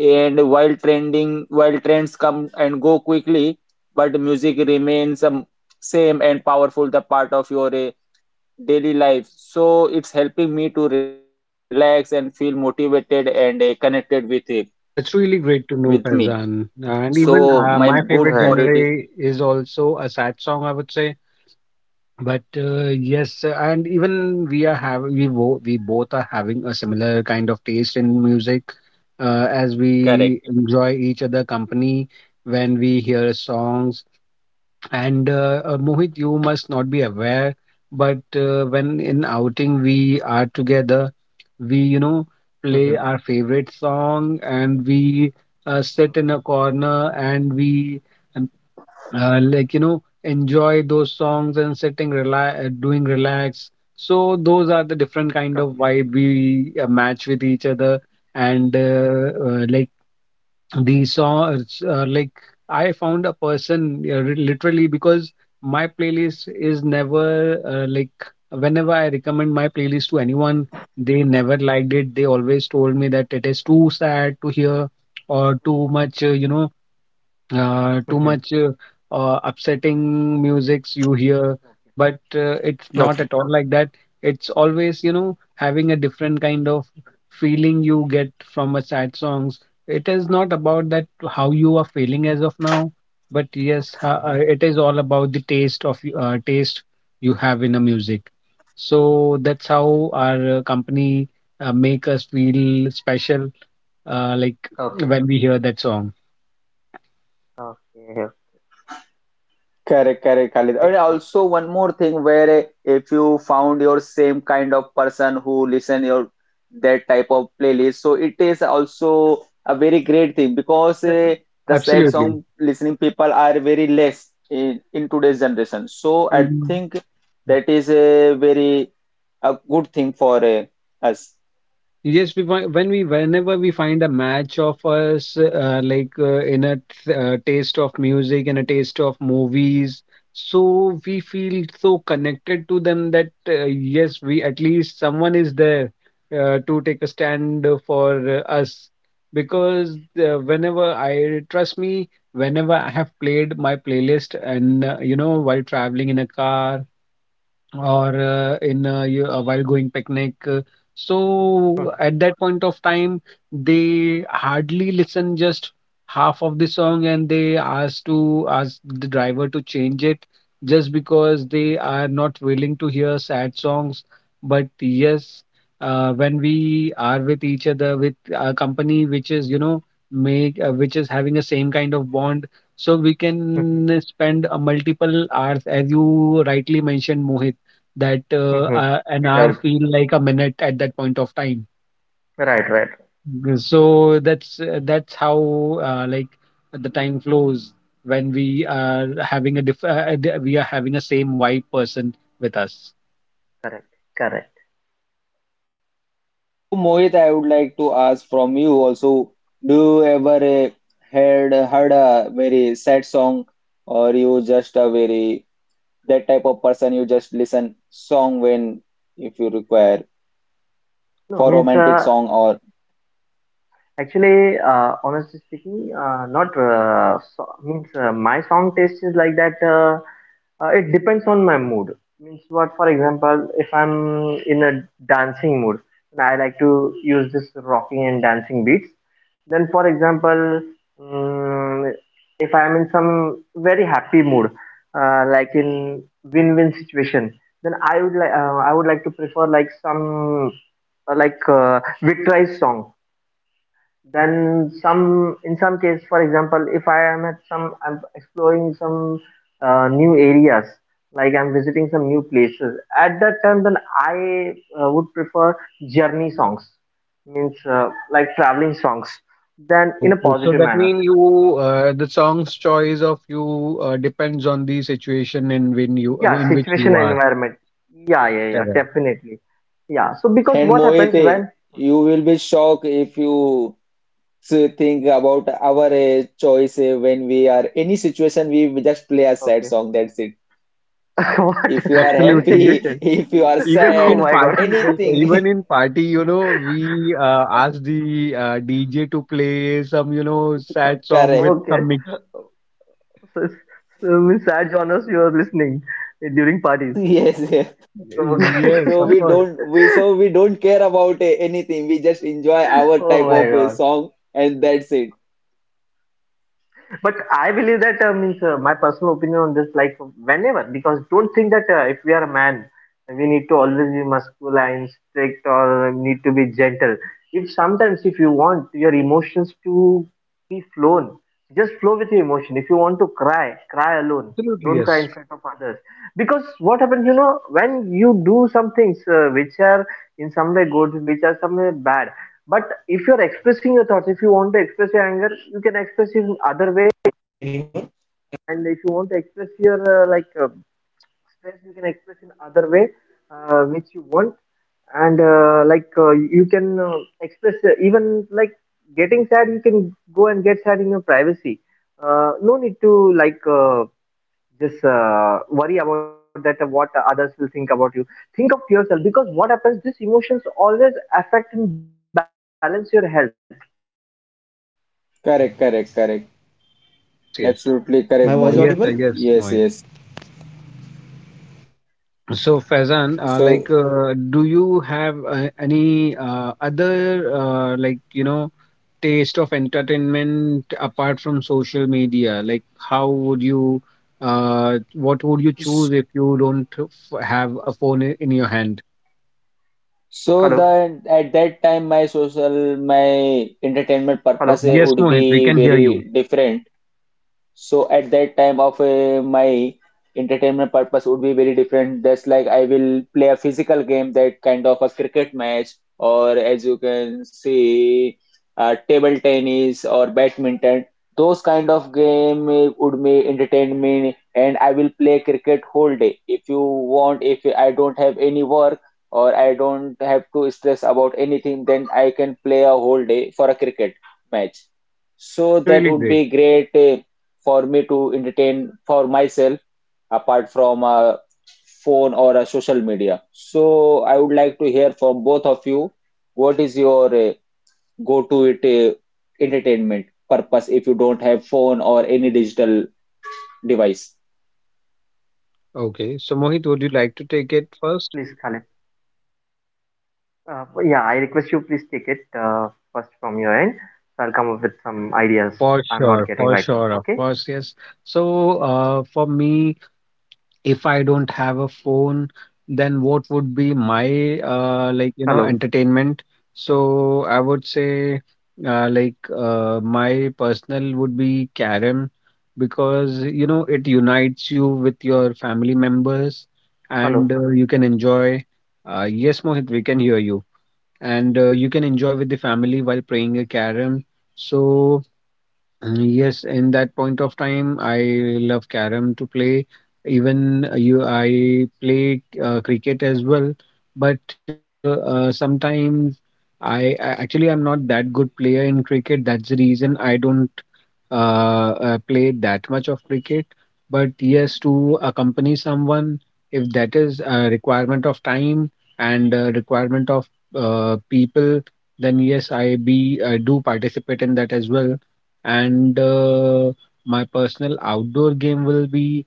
Speaker 1: and while trending while trends come and go quickly but music remains same and powerful the part of your daily life so it's helping me to relax and feel motivated and connected with it
Speaker 3: That's really
Speaker 1: with
Speaker 3: great to
Speaker 1: me
Speaker 3: know, Faizan. And
Speaker 1: so
Speaker 3: even
Speaker 1: my
Speaker 3: my
Speaker 1: goal
Speaker 3: favorite
Speaker 1: for it is
Speaker 3: genre is also a sad song, I would say. But yes, and even we are we both are having a similar kind of taste in music, as
Speaker 1: correct.
Speaker 3: we enjoy each other company when we hear songs. And Mohit, you must not be aware, but when in outing we are together, we, you know, play our favorite song, and we sit in a corner, and we like, you know, enjoy those songs and sitting relax, doing relax. So those are the different kind of vibe we match with each other. And like the songs, like I found a person, literally, because my playlist is never, like, whenever I recommend my playlist to anyone, they never liked it. They always told me that it is too sad to hear, or too much, you know, too much upsetting musics you hear. But it's not at all like that. It's always, you know, having a different kind of feeling you get from a sad songs. It is not about that how you are feeling as of now, but yes, it is all about the taste you have in a music. So that's how our company make us feel special, like when we hear that song.
Speaker 1: Correct, correct, Khalid. And also one more thing where if you found your same kind of person who listen your that type of playlist, so it is also a very great thing because the sad
Speaker 3: Absolutely.
Speaker 1: song listening people are very less in today's generation. So I
Speaker 3: Mm.
Speaker 1: think that is a very a good thing for us.
Speaker 3: Yes, we find when, we whenever we find a match of us, in a taste of music and a taste of movies, so we feel so connected to them that, yes, we, at least someone is there to take a stand for us. Because whenever I trust me, whenever I have played my playlist, and, you know, while traveling in a car or while going picnic. So at that point of time, they hardly listen just half of the song, and they ask the driver to change it, just because they are not willing to hear sad songs. But yes, when we are with each other, with a company which is, you know, make which is having a same kind of bond, so we can spend a multiple hours, as you rightly mentioned, Mohit, that an hour feel like a minute at that point of time. Mm. So that's, that's how, like the time flows when we are having a diff d- we are having a same vibe person with us.
Speaker 1: So, Mohit, I would like to ask from you also, do you ever heard a very sad song, or you just a very that type of person you just listen song when if you require for romantic song or
Speaker 3: Okay, so that means you, the song's choice of you depends on the situation in when you, in which you are. Correct.
Speaker 1: and Mohit, you will be shocked if you think about our choice when we are any situation we will just play a sad song. That's it. If you are
Speaker 3: Absolutely.
Speaker 1: happy, *laughs* if you are sad, anything,
Speaker 3: Even in party, you know, we ask the DJ to play some, you know, sad
Speaker 1: *laughs*
Speaker 3: song
Speaker 1: correct.
Speaker 3: with some mix.
Speaker 1: Yes, yes.
Speaker 3: Yes,
Speaker 1: So
Speaker 3: of
Speaker 1: we
Speaker 3: course.
Speaker 1: don't we so we don't care about anything. We just enjoy our type of song and that's it.
Speaker 3: Absolutely, yes.
Speaker 1: Correct, correct, correct.
Speaker 3: Of course, yes.
Speaker 1: Absolutely correct, Mohit.
Speaker 3: Yes, yes,
Speaker 1: Yes,
Speaker 3: Mohit.
Speaker 1: yes.
Speaker 3: So, Faizan,
Speaker 1: So
Speaker 3: do you have any other, you know, taste of entertainment apart from social media? Like, how would you, what would you choose if you don't have a phone in your hand?
Speaker 1: so the at that time my social my entertainment purpose
Speaker 3: Yes,
Speaker 1: would
Speaker 3: Mohit, we
Speaker 1: be
Speaker 3: can hear you.
Speaker 1: very different. So at that time of my entertainment purpose would be very different. That's like I will play a physical game, that kind of a cricket match, or as you can see, table tennis or badminton. Those kind of game would be entertain me, and I will play cricket whole day. If you want, if I don't have any work or I don't have to stress about anything, then I can play a whole day for a cricket match. So
Speaker 3: That's
Speaker 1: that
Speaker 3: really
Speaker 1: would
Speaker 3: great.
Speaker 1: be great. For me to entertain for myself apart from a phone or a social media. So I would like to hear from both of you what is your go-to it entertainment purpose if you don't have phone or any digital device?
Speaker 3: Okay, so Mohit, would you like to take it first? For sure, of course, yes. So, for me, if I don't have a phone, then what would be my, like, you know, entertainment? So I would say, my personal would be carom, because, you know, it unites you with your family members, and you can enjoy. Yes, Mohit, we can hear you, and you can enjoy with the family while playing a carom. So, mm, yes, in that point of time, I love carom to play. Even I play cricket as well, but sometimes I actually I'm not that good player in cricket. That's the reason I don't play that much of cricket. But yes, to accompany someone, if that is a requirement of time and a requirement of people, then yes, I do participate in that as well. And my personal outdoor game will be,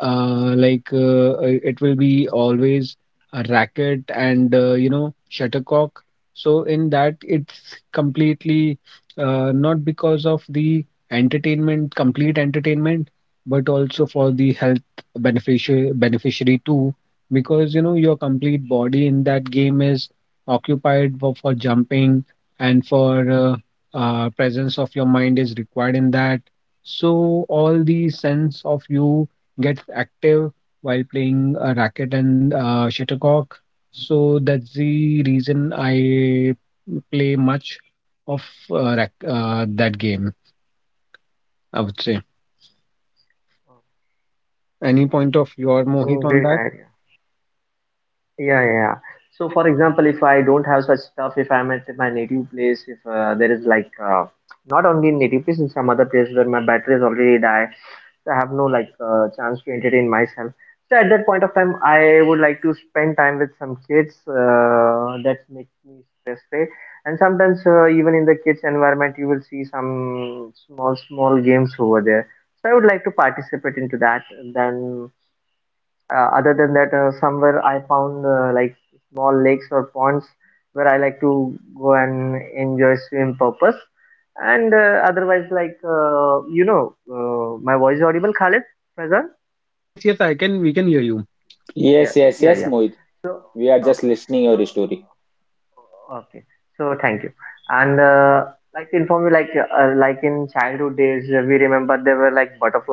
Speaker 3: it will be always a racket and, you know, shuttlecock. So in that it's completely, not because of the entertainment complete entertainment, but also for the health beneficiary too, because, you know, your complete body in that game is occupied for jumping, and for presence of your mind is required in that. So all the sense of you gets active while playing a racket and, shuttlecock. So that's the reason I play much of that game, I would say. Any point of your, Mohit, on that? Yes, yes, I can. We can hear you.
Speaker 1: Yes, yes, yes, Mohit. We are just listening your story.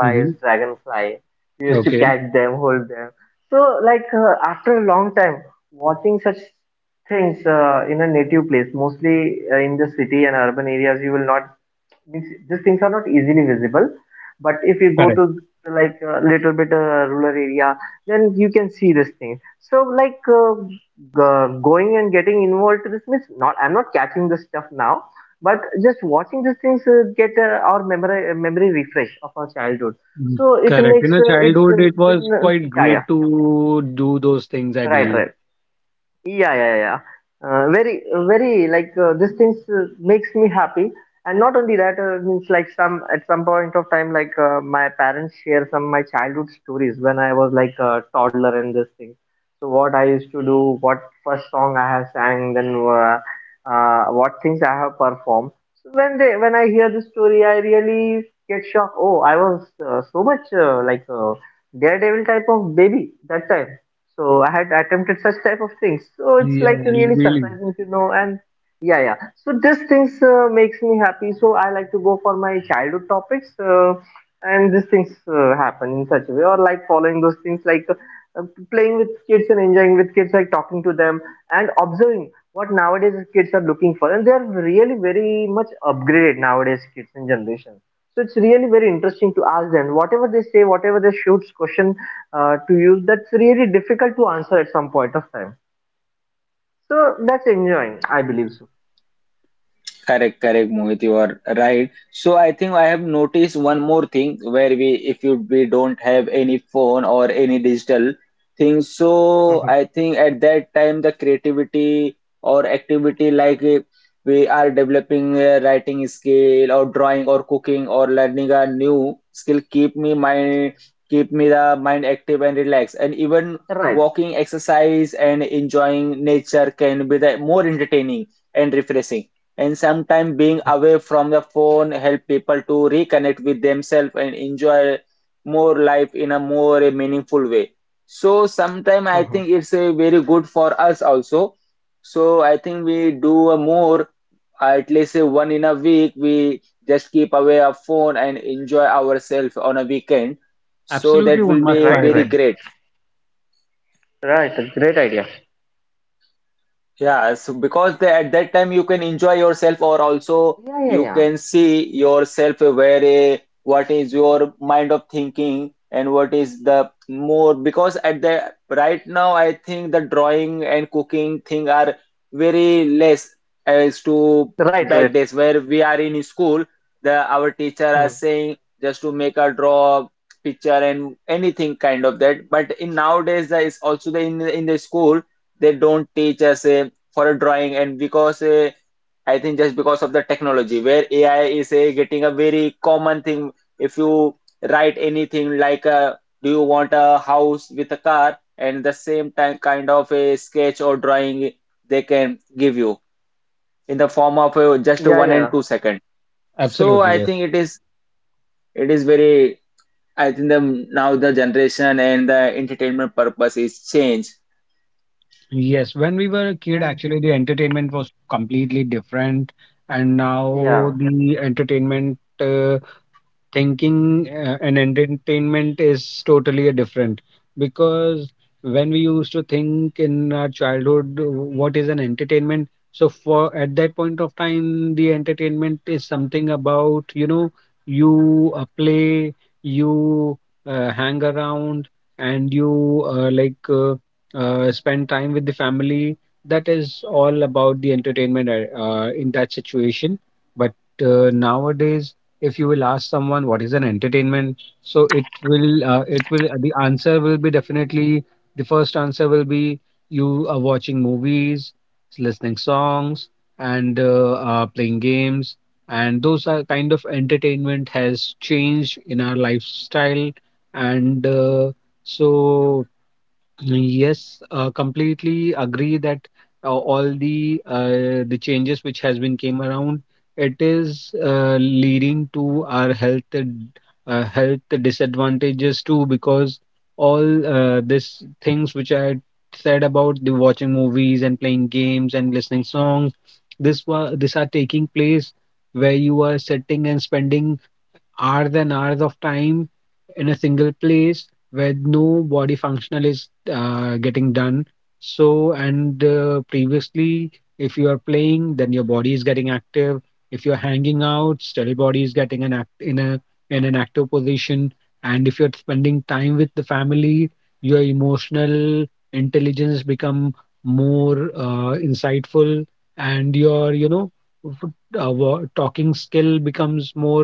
Speaker 3: Hmm. Okay. Correct. Mm. Correct. In a childhood, it was quite great to do those things, I believe. Yeah. Really.
Speaker 1: Correct, correct, Mohit, you are right. So I think I have noticed one more thing where we, if you we don't have any phone or any digital things, so I think at that time the creativity or activity like we are developing a writing skill or drawing or cooking or learning a new skill keep me the mind active and relaxed and even walking exercise and enjoying nature can be the more entertaining and refreshing and sometimes being away from the phone help people to reconnect with themselves and enjoy more life in a more a meaningful way so sometimes I think it's a very good for us also so I think we do a more at least a one in a week we just keep away our phone and enjoy ourselves on a weekend so
Speaker 3: Absolutely,
Speaker 1: that
Speaker 3: one
Speaker 1: will be
Speaker 3: must try
Speaker 1: very
Speaker 3: them.
Speaker 1: great. Yeah, so because the, at that time you can enjoy yourself, or also you can see yourself where what is your mind of thinking and what is the more. Because at the right now, I think the drawing and cooking thing are very less as to back days where we are in school. The our teacher are saying just to make a draw picture and anything kind of that. But in nowadays, there is also the in the school they don't teach us a for a drawing and because I think just because of the technology where AI is getting a very common thing if you write anything like do you want a house with a car and the same time kind of a sketch or drawing they can give you in the form of just one and two second so
Speaker 3: Absolutely,
Speaker 1: I
Speaker 3: yes.
Speaker 1: think it is very I think the now the generation and the entertainment purpose is changed.
Speaker 3: Yes, when we were a kid, actually, the entertainment was completely different, and now the entertainment, thinking, and entertainment is totally a different, because when we used to think in our childhood, what is an entertainment, so for at that point of time the entertainment is something about, you know, you play, you hang around, and you, spend time with the family. That is all about the entertainment, in that situation. But nowadays, if you will ask someone what is an entertainment, so it will, the answer will be definitely, the first answer will be you are watching movies, listening songs, and playing games. And those are kind of entertainment has changed in our lifestyle. And uh, so yes, completely agree that all the changes which has been came around, it is leading to our health disadvantages too, because all this things which I said about the watching movies and playing games and listening songs, this are taking place where you are sitting and spending hours and hours of time in a single place where no body functional is getting done. So, and previously, if you are playing, then your body is getting active. If you're hanging out, still body is getting an act in a in an active position. And if you're spending time with the family, your emotional intelligence become more insightful, and your, you know, f- talking skill becomes more,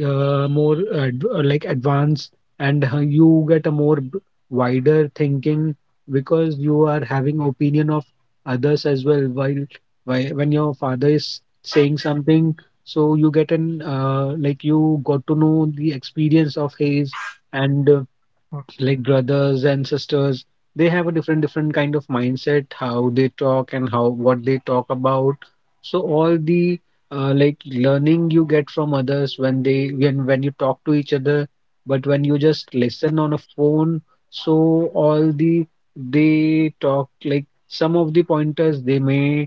Speaker 3: advanced, and you get a wider thinking, because you are having opinion of others as well, while when your father is saying something, so you get an, you got to know the experience of his, and like brothers and sisters, they have a different kind of mindset, how they talk and how, what they talk about. So all the learning you get from others when they, when you talk to each other. But when you just listen on a phone, so all the, they talk, like, some of the pointers they may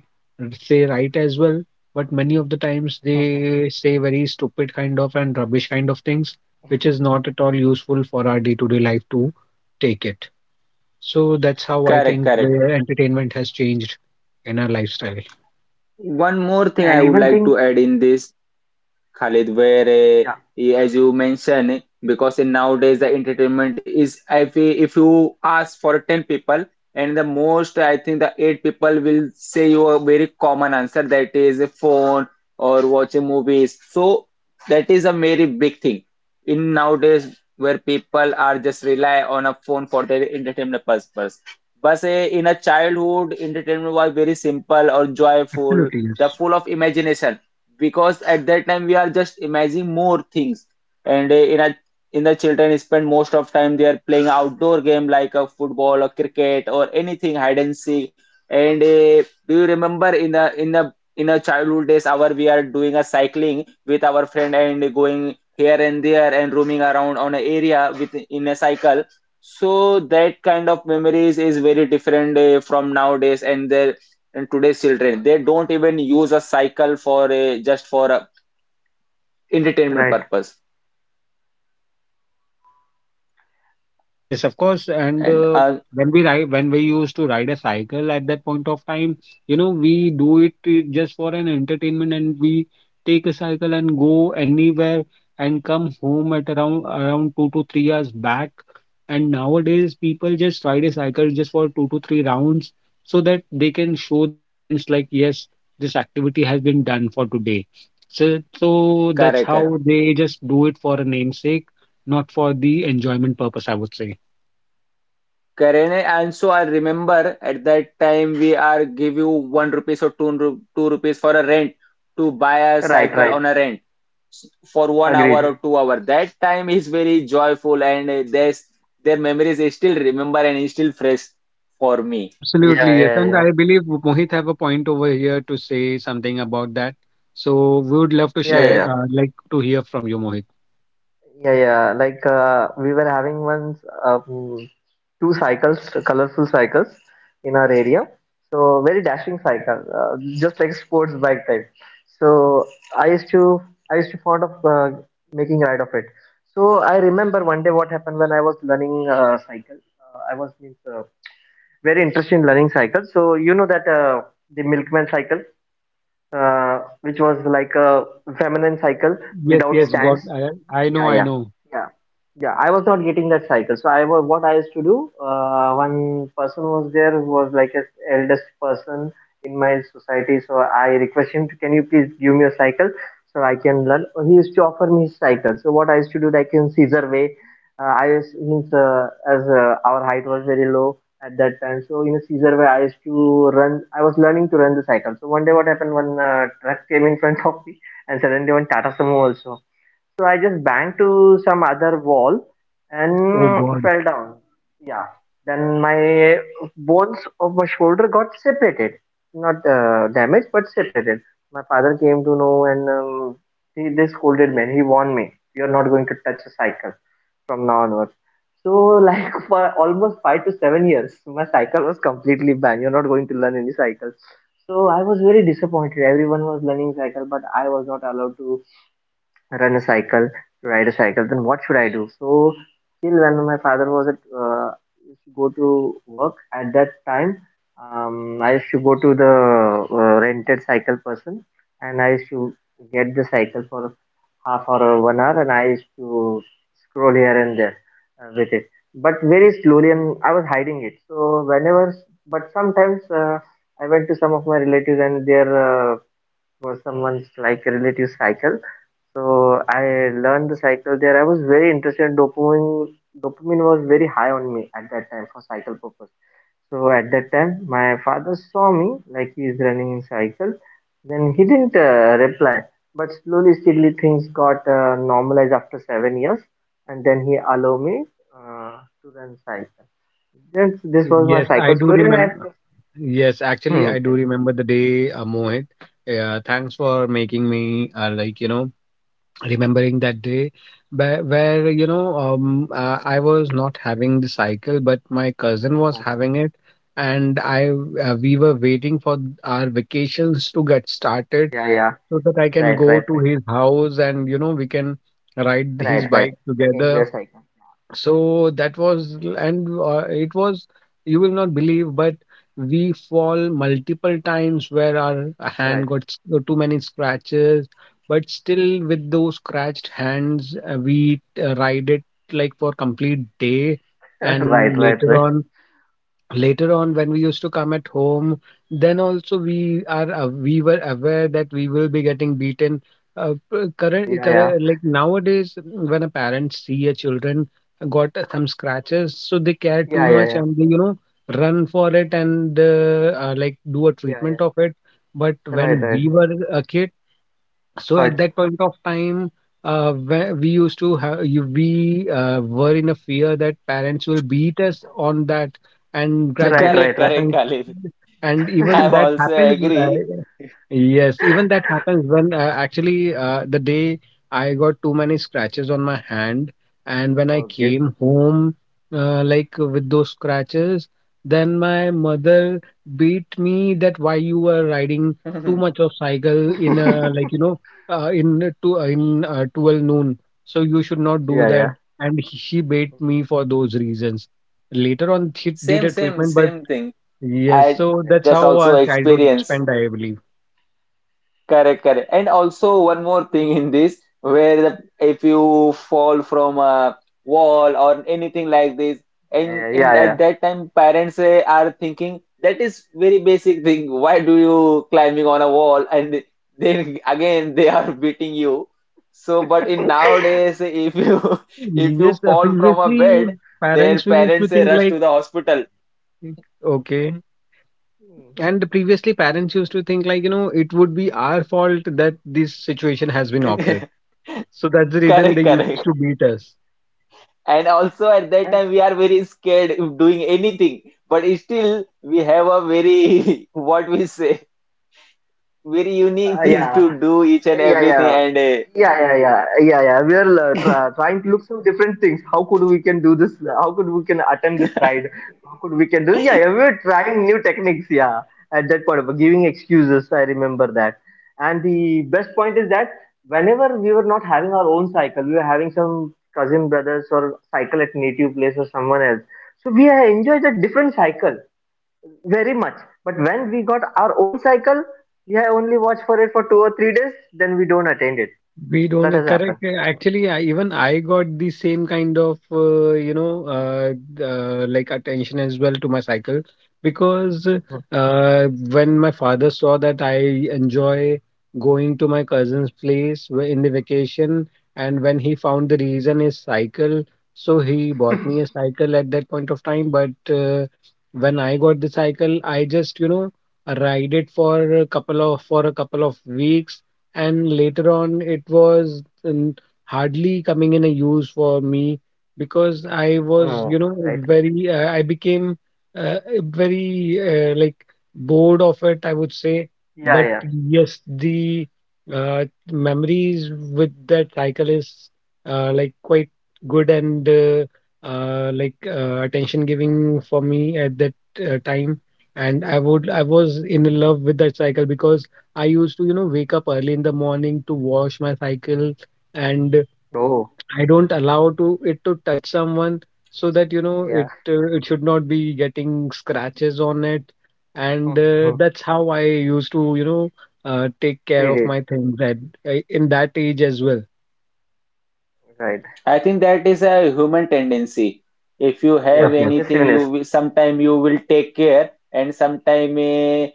Speaker 3: say right as well, but many of the times they say very stupid kind of and rubbish kind of things, which is not at all useful for our day-to-day life to take it. So that's how I
Speaker 1: Correct,
Speaker 3: think
Speaker 1: correct,
Speaker 3: the entertainment has changed in our lifestyle.
Speaker 1: one more thing I would like to add in this Khalid, where as you mentioned, because in nowadays the entertainment is if you ask for 10 people and the most I think the 8 people will say you a very common answer that is a phone or watching movies. So that is a very big thing in nowadays where people are just rely on a phone for their entertainment purpose. But in a childhood, entertainment was very simple or joyful,
Speaker 3: Absolutely, yes.
Speaker 1: the full of imagination because at that time we are just imagining more things and in a in the children spend most of time they are playing outdoor game like a football or cricket or anything hide and seek and do you remember in a childhood days our we are doing a cycling with our friend and going here and there and roaming around on an area with in a cycle so that kind of memories is very different from nowadays and the in today's children they don't even use a cycle for a just for a entertainment purpose
Speaker 3: Yes, of course. And
Speaker 1: and
Speaker 3: When when we used to ride a cycle at that point of time, we do it just for an entertainment, and we take a cycle and go anywhere and come home at around 2 to 3 hours back. And nowadays, people just ride a cycle just for two to three rounds so that they can show their parents, like, yes, this activity has been done for today. So,
Speaker 1: correct,
Speaker 3: that's
Speaker 1: correct.
Speaker 3: how they just do it for a namesake, not for the enjoyment purpose, I would say.
Speaker 1: Correct. And so I remember at that time we are give you one rupees or two, two rupees for a rent to buy a cycle on a rent for 1 hour or 2 hour that time is very joyful and there's their memories is still remember and is still fresh for me.
Speaker 3: Absolutely, yes. And I believe Mohit have a point over here to say something about that. So we would love to share,
Speaker 1: Yeah,
Speaker 3: like to hear from you, Mohit. Yes, yes, God. I know. Oh, God. Yes, I do remember. Yes, actually, I do remember the day, Mohit. Thanks for making me, like, remembering that day where, where I was not having the cycle but my cousin was having it and I we were waiting for our vacations to get started so that I can go to his house and we can ride his bike together. So that was. And it was, you will not believe, but we fall multiple times where our hand got too many scratches, but still with those scratched hands, we ride it like for complete day. And later on, when we used to come at home, then also we were aware that we will be getting beaten. Current, like nowadays, when a parent see a children got some scratches, so they care too much and they, run for it and like do a treatment of it. But when we were a kid, so at that point of time, where we used to have, you, we were in a fear that parents will beat us on that, and
Speaker 1: *laughs*
Speaker 3: gradually it
Speaker 1: correct, correct,
Speaker 3: happens.
Speaker 1: Khalid.
Speaker 3: And even
Speaker 1: I'm
Speaker 3: that
Speaker 1: also
Speaker 3: happens,
Speaker 1: agree.
Speaker 3: yes, even that happens when, actually, the day I got too many scratches on my hand, and when I came home, like with those scratches, then my mother beat me that why you were riding too
Speaker 1: *laughs*
Speaker 3: much of cycle in a, like, in 12 noon, so you should not do that. And she bait me for those reasons. Later on, she did
Speaker 1: same
Speaker 3: a
Speaker 1: same
Speaker 3: treatment, but
Speaker 1: same thing.
Speaker 3: yes,
Speaker 1: I
Speaker 3: so that's
Speaker 1: just
Speaker 3: how
Speaker 1: also
Speaker 3: our childhood
Speaker 1: experience.
Speaker 3: spent, I believe.
Speaker 1: Correct, correct. And also one more thing in this, where the, if you fall from a wall or anything like this, and in at that time parents are thinking that is very basic thing. Why do you climbing on a wall? And then again they are beating you. So, but in nowadays, if you *laughs* if
Speaker 3: Yes,
Speaker 1: you fall from a
Speaker 3: previously,
Speaker 1: bed, their
Speaker 3: parents we used to
Speaker 1: parents
Speaker 3: think,
Speaker 1: rush
Speaker 3: like,
Speaker 1: to the hospital.
Speaker 3: okay. And previously, parents used to think, like, it would be our fault that this situation has been occurred,
Speaker 1: *laughs*
Speaker 3: so that's the reason
Speaker 1: Correct,
Speaker 3: they used
Speaker 1: correct.
Speaker 3: to beat us.
Speaker 1: And also at that time we are very scared of doing anything, but still we have a very *laughs* what we say very unique thing to do each and everything and
Speaker 3: We don't, correct. Actually, I, even I, got the same kind of, like, attention as well to my cycle, because uh, when my father saw that I enjoy going to my cousin's place, in the vacation, and when he found the reason is cycle, so he bought me a cycle at that point of time. But when I got the cycle, I just, ride it for a couple of weeks, and later on it was, hardly coming in a use for me, because I was, you know, very, I became, uh, very, like, bored of it, I would say. But yes, the, uh, memories with that cycle is, like, quite good, and like, attention giving for me at that, time. And I was in love with that cycle, because I used to, wake up early in the morning to wash my cycle, and I don't allow to it to touch someone, so that, it should not be getting scratches on it. And that's how I used to, take care of my things at in that age as well.
Speaker 1: I think that is a human tendency. If you
Speaker 3: Of
Speaker 1: have
Speaker 3: course, yes.
Speaker 1: anything, you will, sometime you will take care, and sometime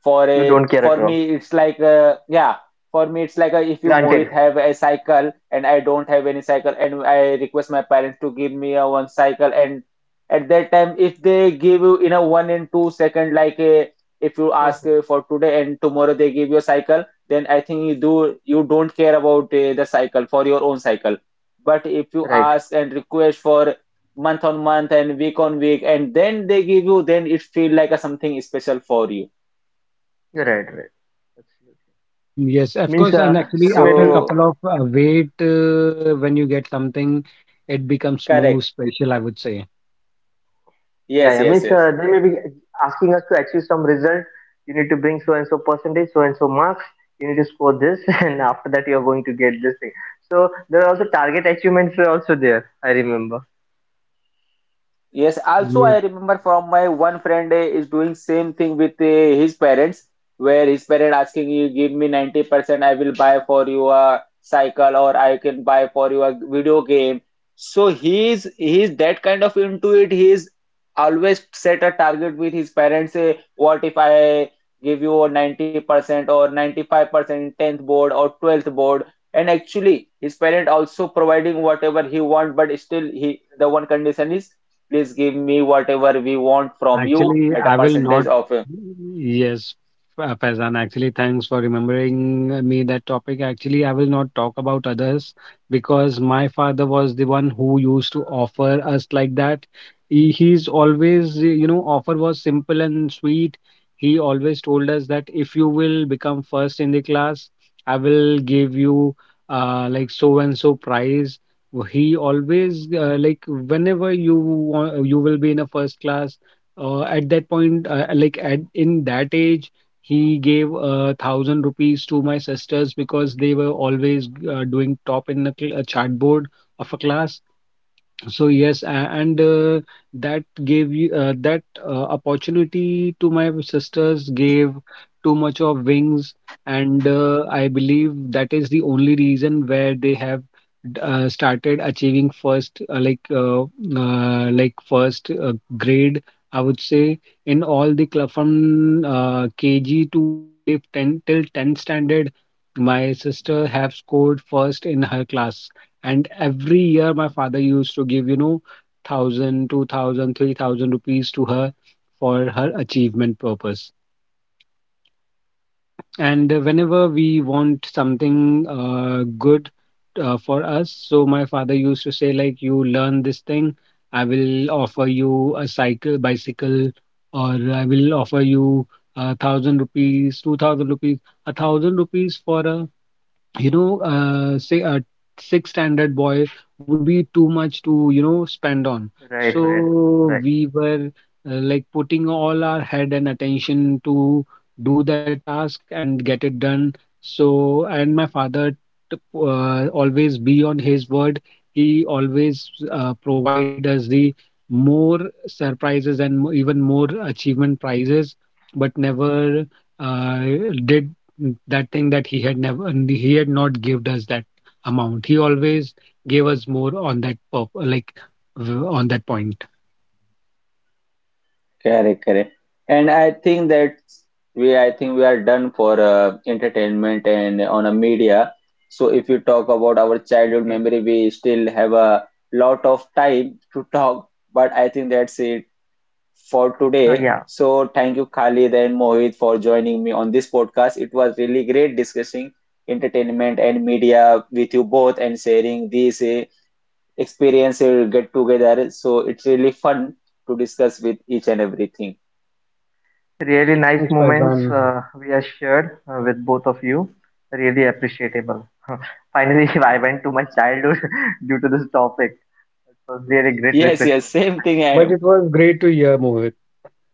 Speaker 1: for a for me it's like a, yeah, for me it's like a, if you Mohit have a cycle and I don't have any cycle and I request my parents to give me a one cycle and at that time if they give you in a one and two second like a, if you ask for today and tomorrow they give you a cycle then I think you do you don't care about the cycle for your own cycle but if you ask and request for month on month and week on week, and then they give you, then it feel like a something special for you.
Speaker 3: Mm, yes, of course. And actually, after a
Speaker 1: So
Speaker 3: couple of wait, when you get something, it becomes more
Speaker 1: correct.
Speaker 3: special, I would say.
Speaker 1: Yes, yes, yes. Yes, also I remember from my one friend is doing same thing with his parents, where his parent asking you give me 90%, I will buy for you a cycle or I can buy for you a video game. So he is that kind of into it. He is always set a target with his parents. Say, what if I give you a 90% or 95% in 10th board or 12th board? And actually, his parent also providing whatever he want, but still he the one condition is please give me whatever we want from you
Speaker 3: Actually,
Speaker 1: at a
Speaker 3: I will not.
Speaker 1: percentage of
Speaker 3: Yes, Faizan, actually, thanks for remembering me that topic. Actually, I will not talk about others, because my father was the one who used to offer us like that. He's always, offer was simple and sweet. He always told us that if you will become first in the class, I will give you, like, so and so prize. He always, like, whenever you will be in a first class, at that point, like, at in that age, he gave 1,000 rupees to my sisters, because they were always, doing top in the chartboard of a class. So yes, and that gave you, that, opportunity to my sisters gave too much of wings, and I believe that is the only reason where they have, started achieving first, like, like, first, grade, I would say. In all the club, from KG to, I believe, 10 till 10 standard, my sister have scored first in her class. And every year, my father used to give, 1,000, 2,000, 3,000 rupees to her for her achievement purpose. And whenever we want something, good, for us, so my father used to say, like, you learn this thing, I will offer you a cycle, bicycle, or I will offer you 1,000 rupees, 2,000 rupees, 1,000 rupees for a, say, a sixth standard boy would be too much to, spend on. So we were, like, putting all our head and attention to do that task and get it done. So, and my father, always be on his word. He always, provide us the more surprises and, even more achievement prizes, but never, uh, did. That thing that he had never, he had not gave us that amount. He always gave us more on that, on that point.
Speaker 1: correct, correct. And I think that we, I think we are done for entertainment and on a media. So if you talk about our childhood memory, we still have a lot of time to talk. But I think that's it for today. So thank you, Khalid and Mohit, for joining me on this podcast. It was really great discussing entertainment and media with you both and sharing these experience or get together. So it's really fun to discuss with each and everything.
Speaker 3: Thanks, Faizan.
Speaker 1: Yes, yes, same thing. I
Speaker 3: But it
Speaker 1: am.
Speaker 3: was great to hear, Mohit.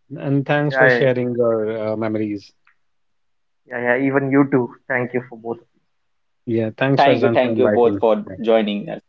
Speaker 3: And thanks for sharing your, memories. Yeah, thanks, Faizan, for
Speaker 1: Thank you
Speaker 3: inviting.
Speaker 1: both for joining us.